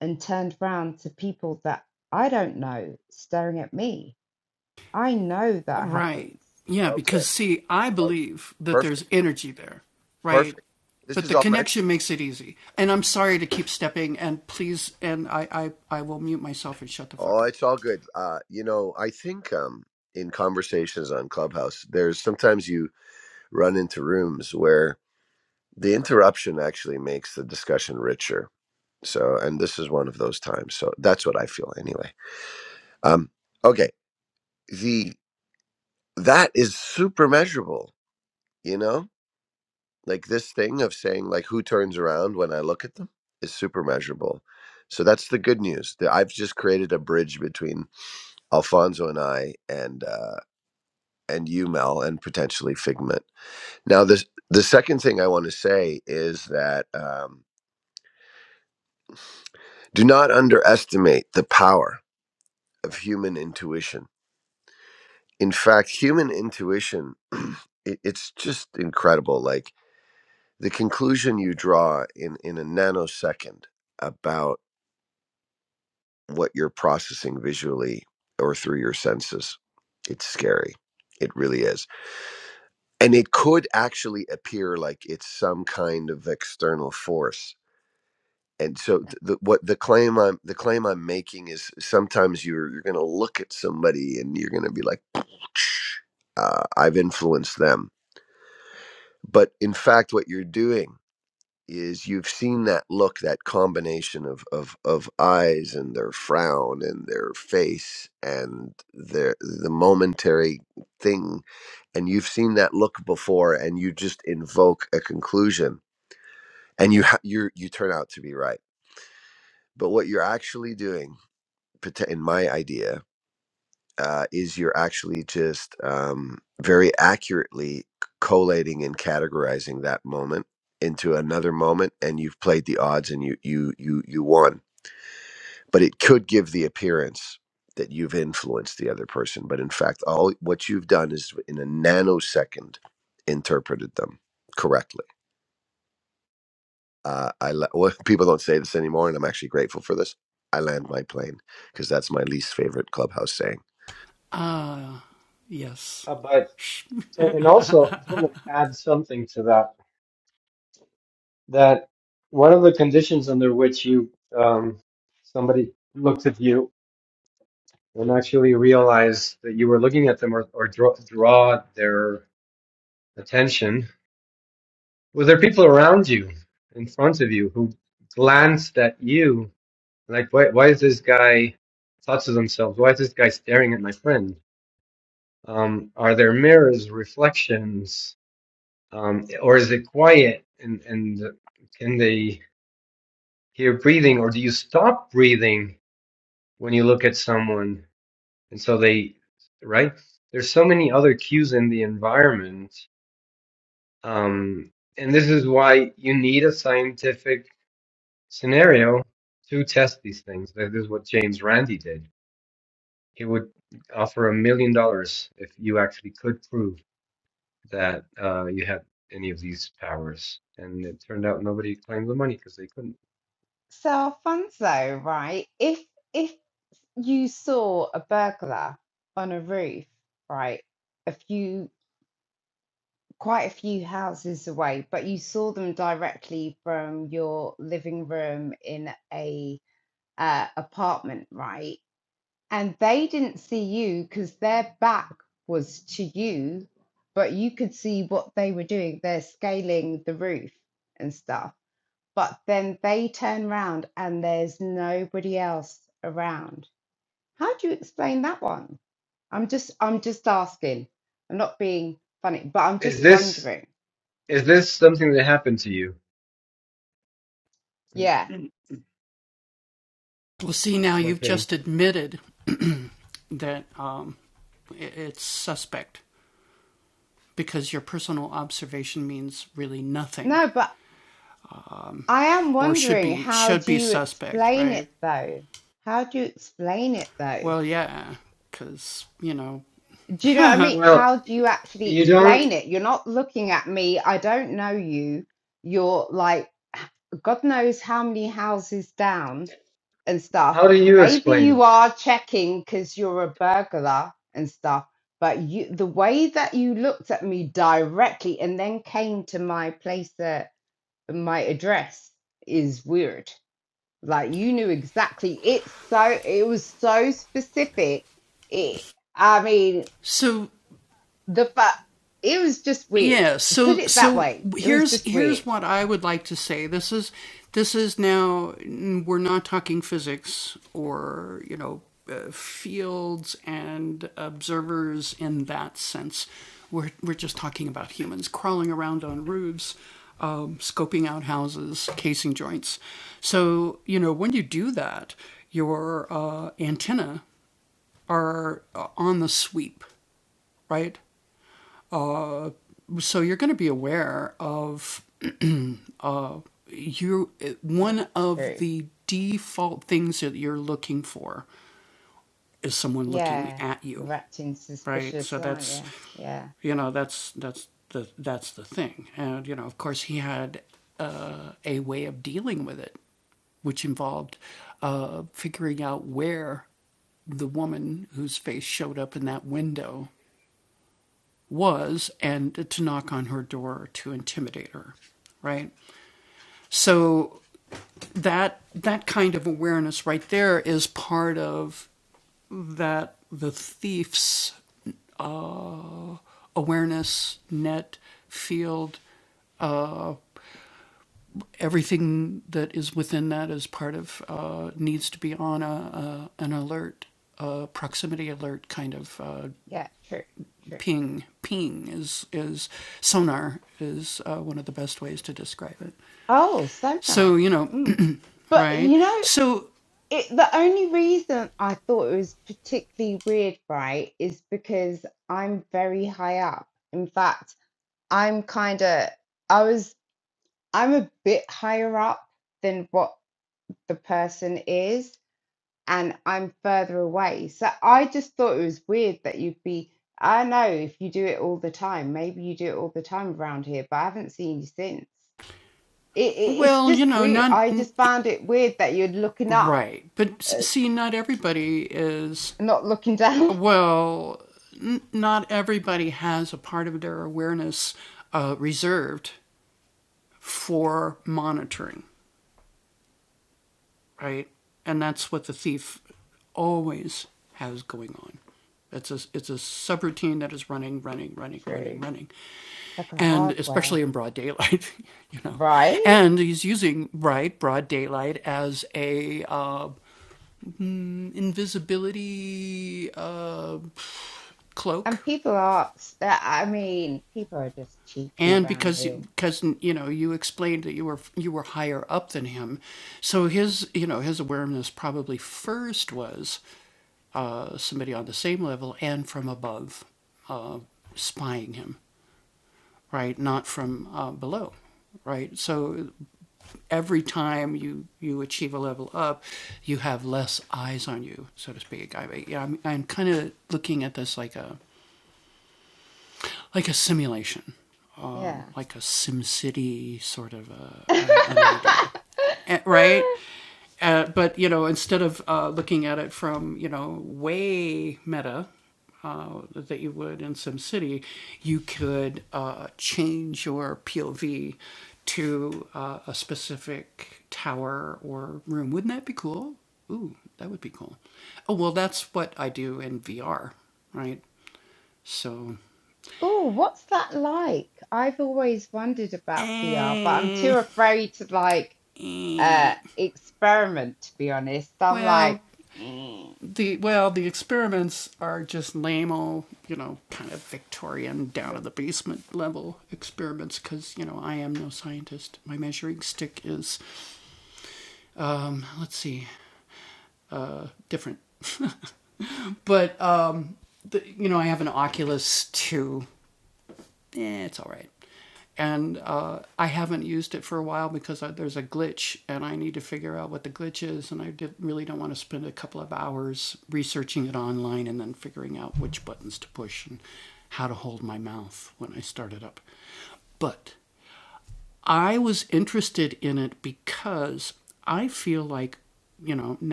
and turned round to people that I don't know staring at me. I know that happens.
okay. Okay. Perfect. Perfect. This is all. Oh, it's all good. Uh, you know, I think um, in conversations on Clubhouse, there's sometimes you run into rooms where the interruption actually makes the discussion richer. So, and this is one of those times. So that's what I feel anyway. Um, okay, the that is super measurable. You know, like this thing of saying like who turns around when I look at them is super measurable. So that's the good news. That I've just created a bridge between Alfonso and I, and uh, and you, Mel, and potentially Figment. Now, this, the second thing I want to say is that um, do not underestimate the power of human intuition. In fact, human intuition, it, it's just incredible. Like the conclusion you draw in, in a nanosecond about what you're processing visually or through your senses, it's scary. It really is. And it could actually appear like it's some kind of external force and so th- the, what the claim I'm the claim I'm making is sometimes you're you're going to look at somebody and you're going to be like, "Psh, uh, I've influenced them, but in fact, what you're doing is you've seen that look, that combination of of of eyes and their frown and their face and their the momentary thing, and you've seen that look before, and you just invoke a conclusion, and you ha- you you turn out to be right. But what you're actually doing in my idea uh, is you're actually just um, very accurately collating and categorizing that moment into another moment and you've played the odds and you you you you won but it could give the appearance that you've influenced the other person but in fact all what you've done is in a nanosecond interpreted them correctly uh, i la- well, people don't say this anymore and i'm actually grateful for this i land my plane because that's my least favorite clubhouse saying
Uh, but and also, I just want to add something to that. That one of the conditions under which you um, somebody looks at you and actually realize that you were looking at them or, or draw, draw their attention was there people around you, in front of you, who glanced at you Like, why, why is this guy, thoughts of themselves, why is this guy staring at my friend? Um, are there mirrors, reflections, um, or is it quiet? And, and can they hear breathing, or do you stop breathing when you look at someone? And so they, right? There's so many other cues in the environment. Um, and this is why you need a scientific scenario to test these things. That is what James Randi did He would offer a million dollars if you actually could prove that uh, you had any of these powers. And it turned out nobody claimed the money because they couldn't.
So Alfonso, right? If if you saw a burglar on a roof, right, a few quite a few houses away, but you saw them directly from your living room in a uh, apartment, right? and they didn't see you because their back was to you, but you could see what they were doing. They're scaling the roof and stuff. But then they turn round and there's nobody else around. How do you explain that one? I'm just I'm just asking. I'm not being funny, but I'm
Is
just
this
wondering.
is this something that happened to you?
Yeah.
Okay.
No, but I am wondering how do you explain it though? How do you explain it though? Do you know what I mean?
Well,
How do you
y-
actually
you don't.
explain it? You're not looking at me. I don't know you. You're like, God knows how many houses down and stuff.
How do you
Maybe
explain
you
it?
are checking because you're a burglar and stuff. But you, the way that you looked at me directly and then came to my place, that, my address, is weird. Like you knew exactly. It's so. It was so specific. It. I mean, the fact it was just weird. Put it that way. It was just weird. That's true. Yeah, you're acting suspicious, aren't you? Yeah, yeah, true, true. Oh, sonar. Mm. But you know, it, the only reason I thought it was particularly weird, right, is because I'm very high up. In fact, I'm kind of, I was, I'm a bit higher up than what the person is. and I'm further away. So I just thought it was weird that you'd be. I don't know if you do it all the time. Maybe you do it all the time around here, but I haven't seen you since. It, it it's just weird. I just found it weird that you're looking up, uh, not looking down. True. It's like a hardware, right? And people are. s- uh, I mean, people are just cheeky around here. Yeah. Oh, what's that like? I've always wondered about VR, but I'm too afraid to like uh experiment, to be honest. I'm like, "Eh,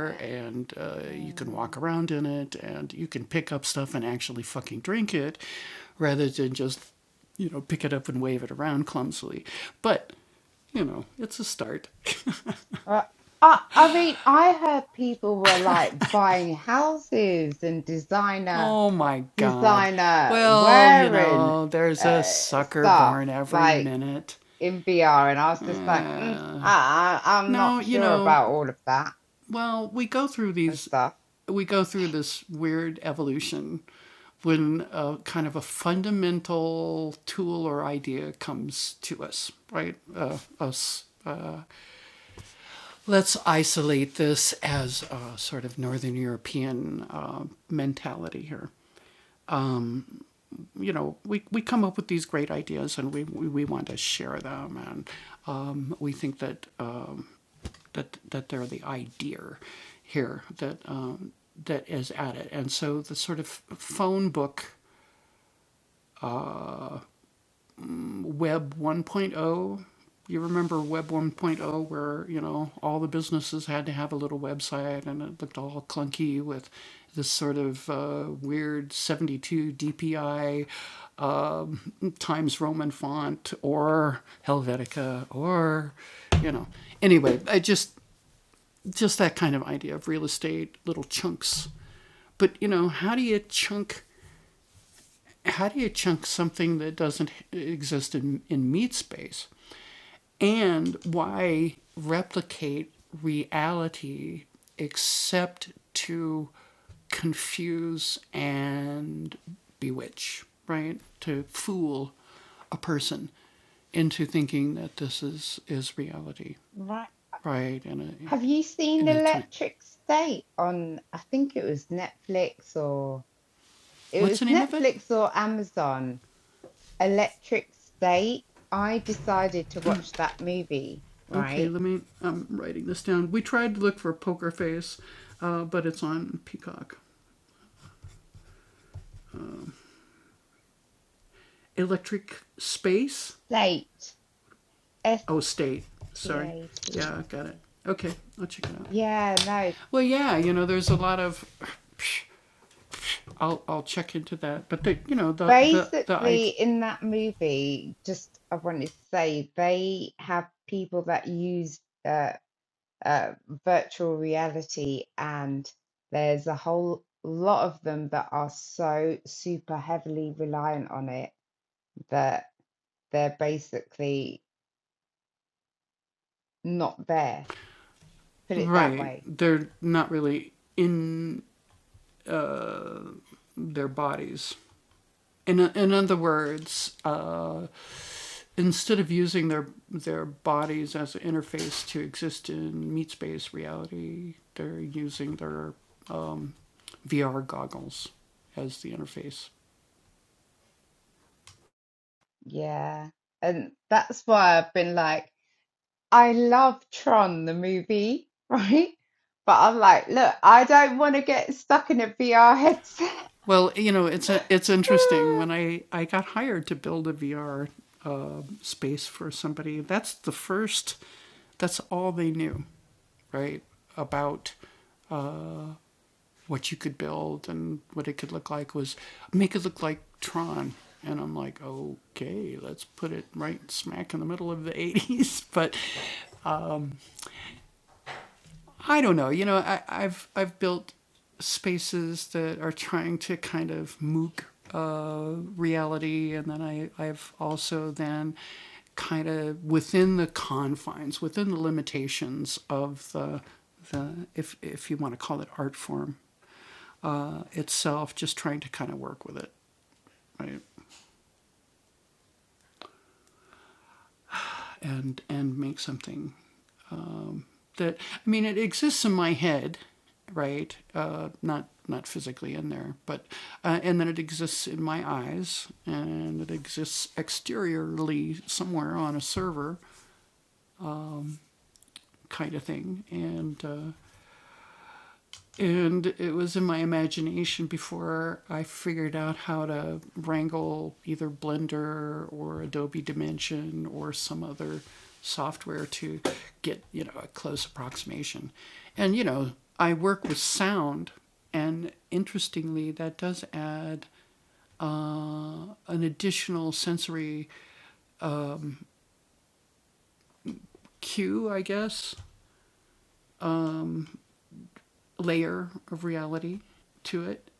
eh, hmm." Well, I, I mean, I heard people were like buying houses and designer designer wearing uh stuff like in VR, and I was just like, mm, I, I, I'm not sure about all of that and stuff. Have you seen Electric State on, I think it was Netflix or it was Netflix or Amazon, Electric State. I decided to watch that movie, right? State, S-T-A-T. Yeah, no. Basically, in that movie, just I wanted to say they have people that use uh, uh, virtual reality, and there's a whole lot of them that are so super heavily reliant on it that they're basically not there. Put it that way. Yeah. And that's why I've been like, I love Tron, the movie, right? But I'm like, look, I don't want to get stuck in a VR headset.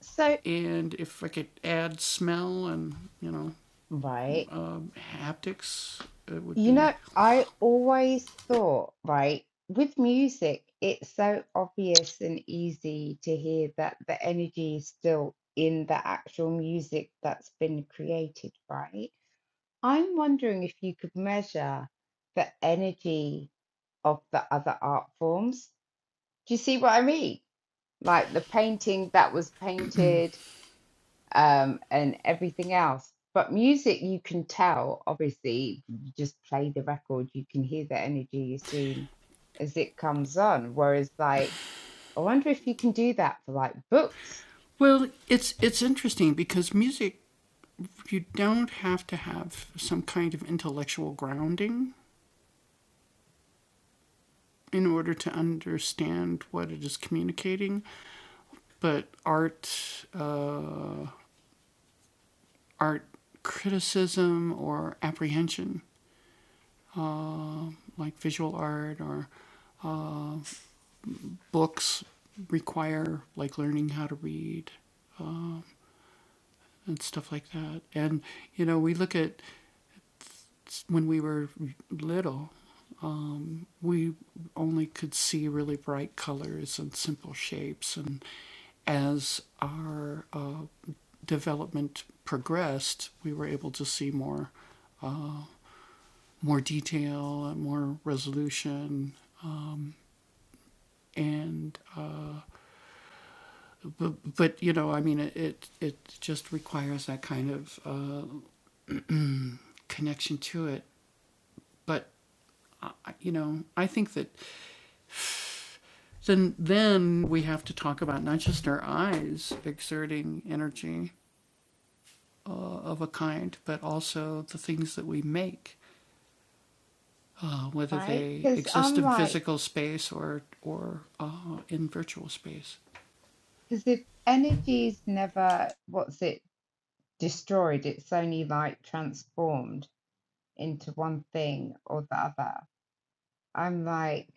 So, right. You know, I always thought, right, with music, it's so obvious and easy to hear that the energy is still in the actual music that's been created, right? I'm wondering if you could measure the energy of the other art forms. Do you see what I mean? Like the painting that was painted um, and everything else. But music, you can tell, obviously, you just play the record, you can hear the energy as soon as it comes on. Whereas, like, I wonder if you can do that for like books, right? Because I'm like, because if energy's never, what's it, destroyed, it's only like transformed into one thing or the other. I'm like,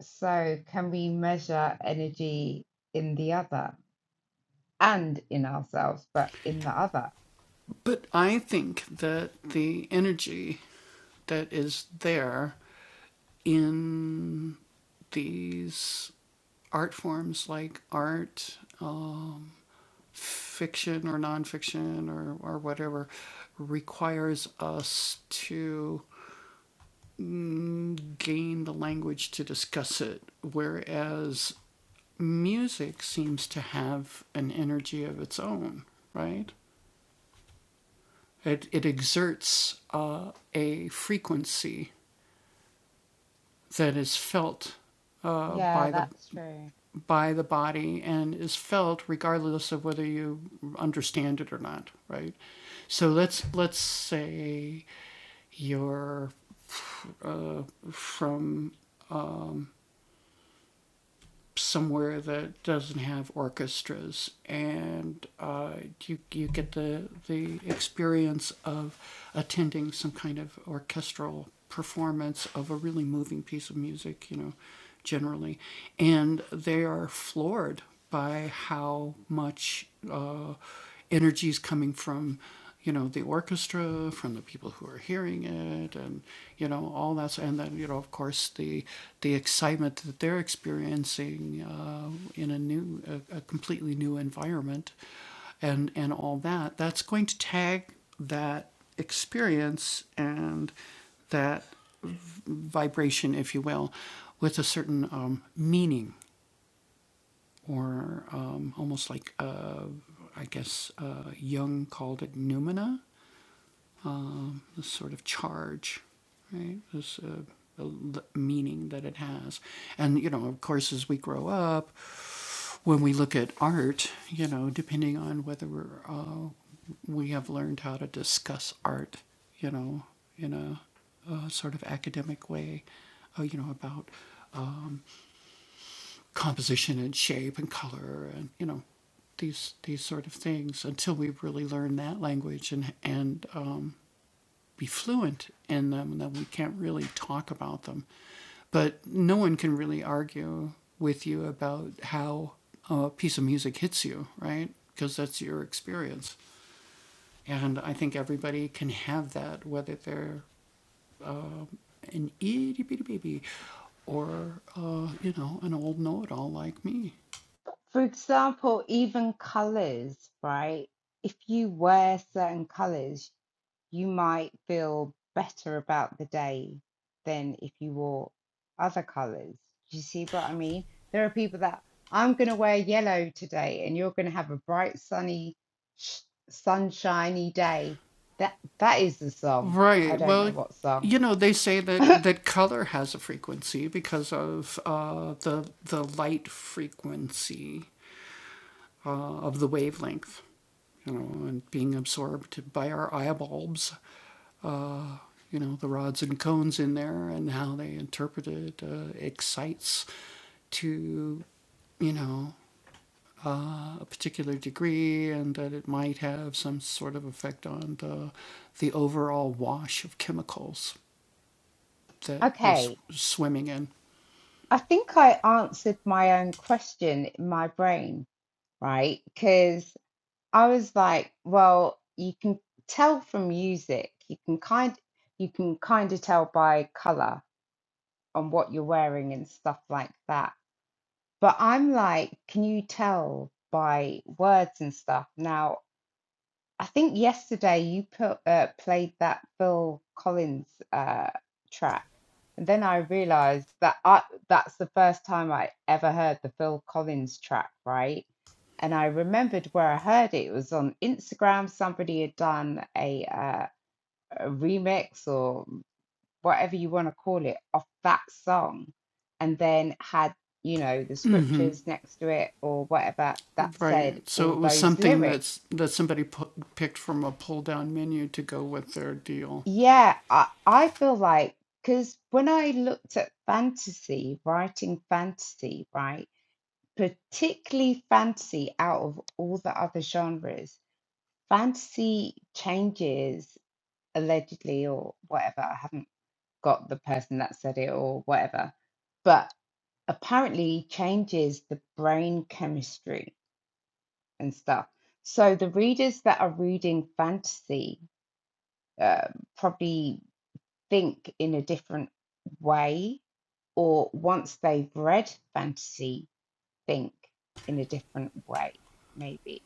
so can we measure energy in the other? and in ourselves, but in the other. Yeah, that's true. For example, even colors, right? If you wear certain colors, you might feel better about the day than if you wore other colors. Do you see what I mean? There are people that I'm going to wear yellow today, and you're going to have a bright, sunny, sh- sunshiny day. That that is the song. I don't know what song. okay, I think I answered my own question in my brain, right? Because I was like, well, you can tell from music, you can kind you can kind of tell by color on what you're wearing and stuff like that. But I'm like, can you tell by words and stuff? Now I think yesterday you put uh, played that Phil Collins uh, track, and then I realized that I, that's the first time I ever heard the Phil Collins track, right? And I remembered where I heard it. It was on Instagram. Somebody had done a, uh, a remix or whatever you want to call it of that song, and then had you know the scriptures next to it or whatever that said all those lyrics. Yeah, I, I feel like because when I looked at fantasy, writing fantasy, right, particularly fantasy out of all the other genres, fantasy changes allegedly or whatever. I haven't got the person that said it or whatever, but apparently changes the brain chemistry and stuff. So the readers that are reading fantasy uh, probably. think in a different way, or once they've read fantasy, think in a different way, maybe.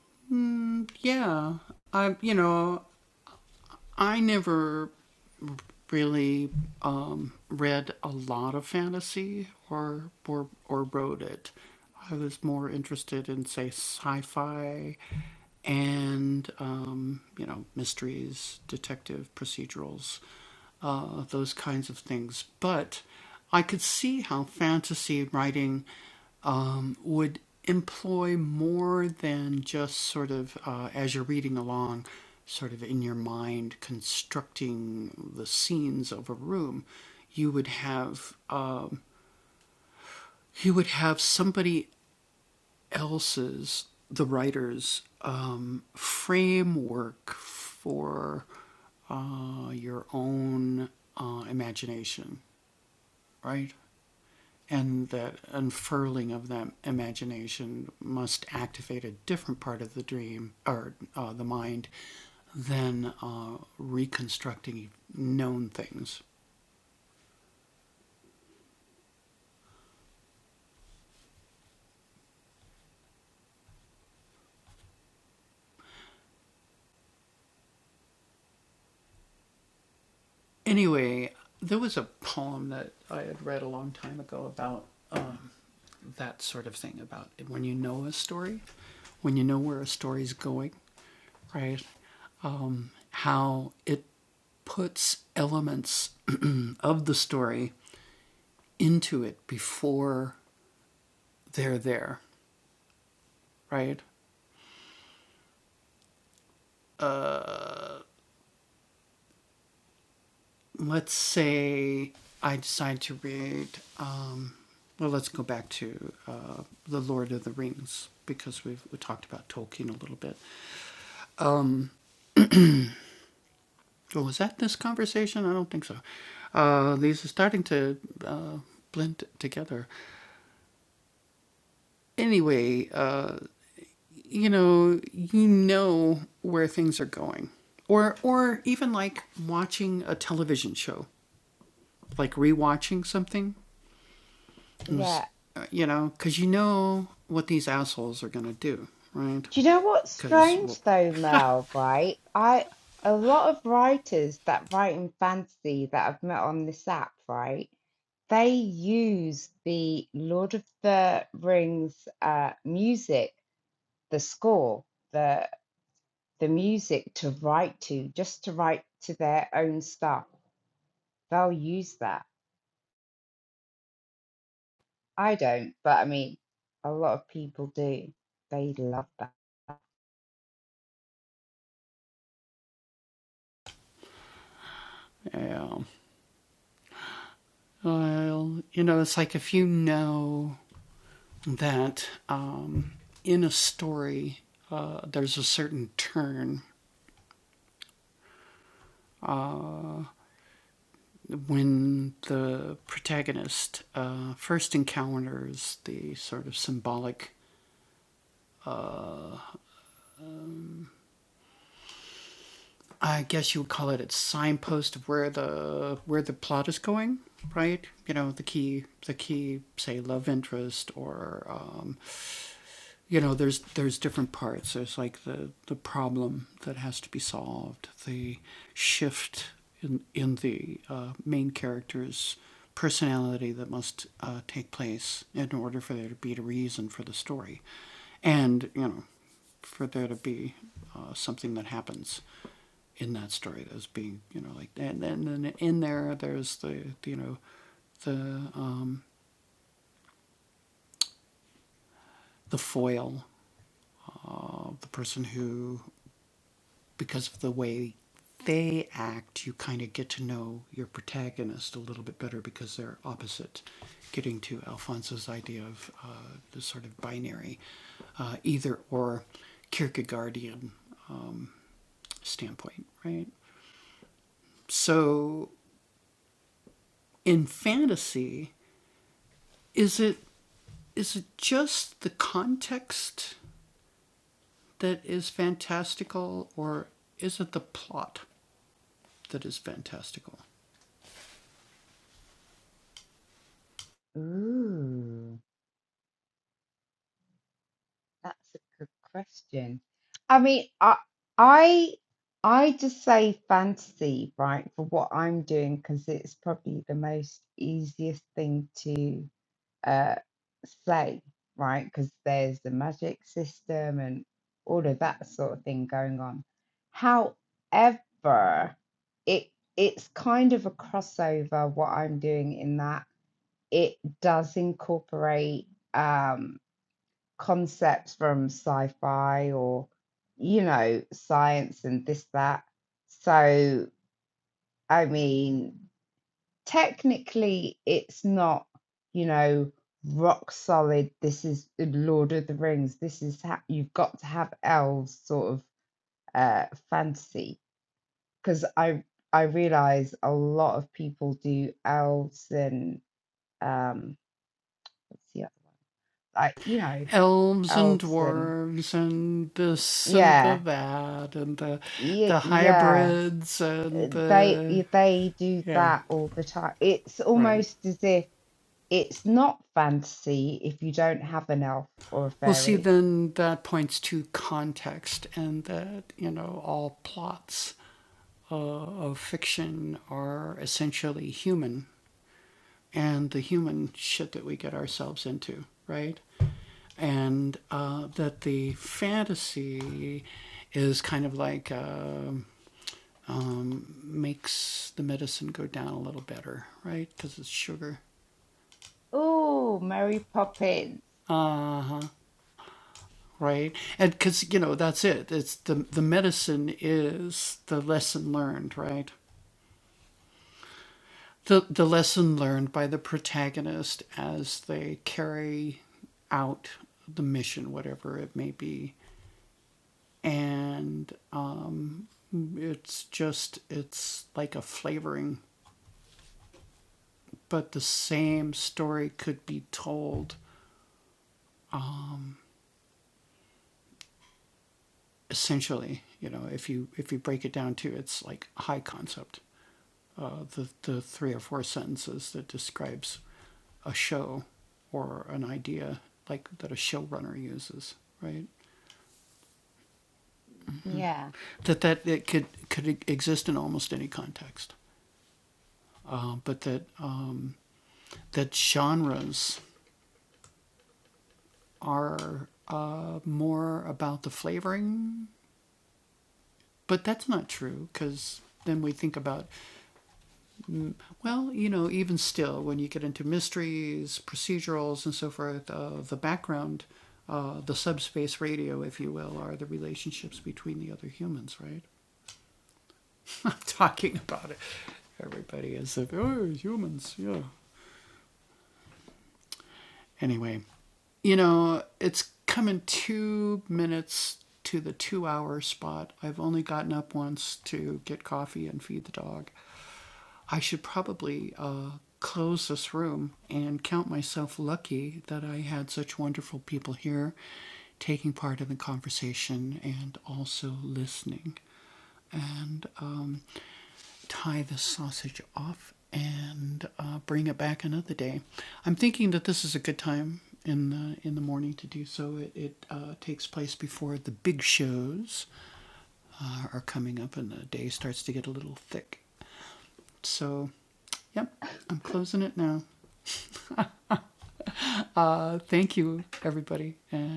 Yeah. Do you know what's strange though, Mel, right? I a lot of writers that write in fantasy that I've met on this app, right? They use the Lord of the Rings uh music, the score, the the music to write to, just to write to their own stuff. They'll use that. I don't, but I mean, a lot of people do. They love that. Ooh, that's a good question. I mean, I I I just say fantasy, right, for what I'm doing because it's probably the most easiest thing to uh, say, right? Because there's the magic system and all of that sort of thing going on. However, it it's kind of a crossover what I'm doing in that it does incorporate um, concepts from sci-fi or you know science and this that. So I mean technically it's not you know rock solid this is lord of the rings this is ha- you've got to have elves sort of uh fantasy because i i realize a lot of people do elves and um what's the other one like you know elves and yeah yeah, yeah uh, they they do that all the time it's almost as if It's not fantasy if you don't have an elf or a fairy. Oh, Mary Poppins. Yeah.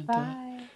Bye.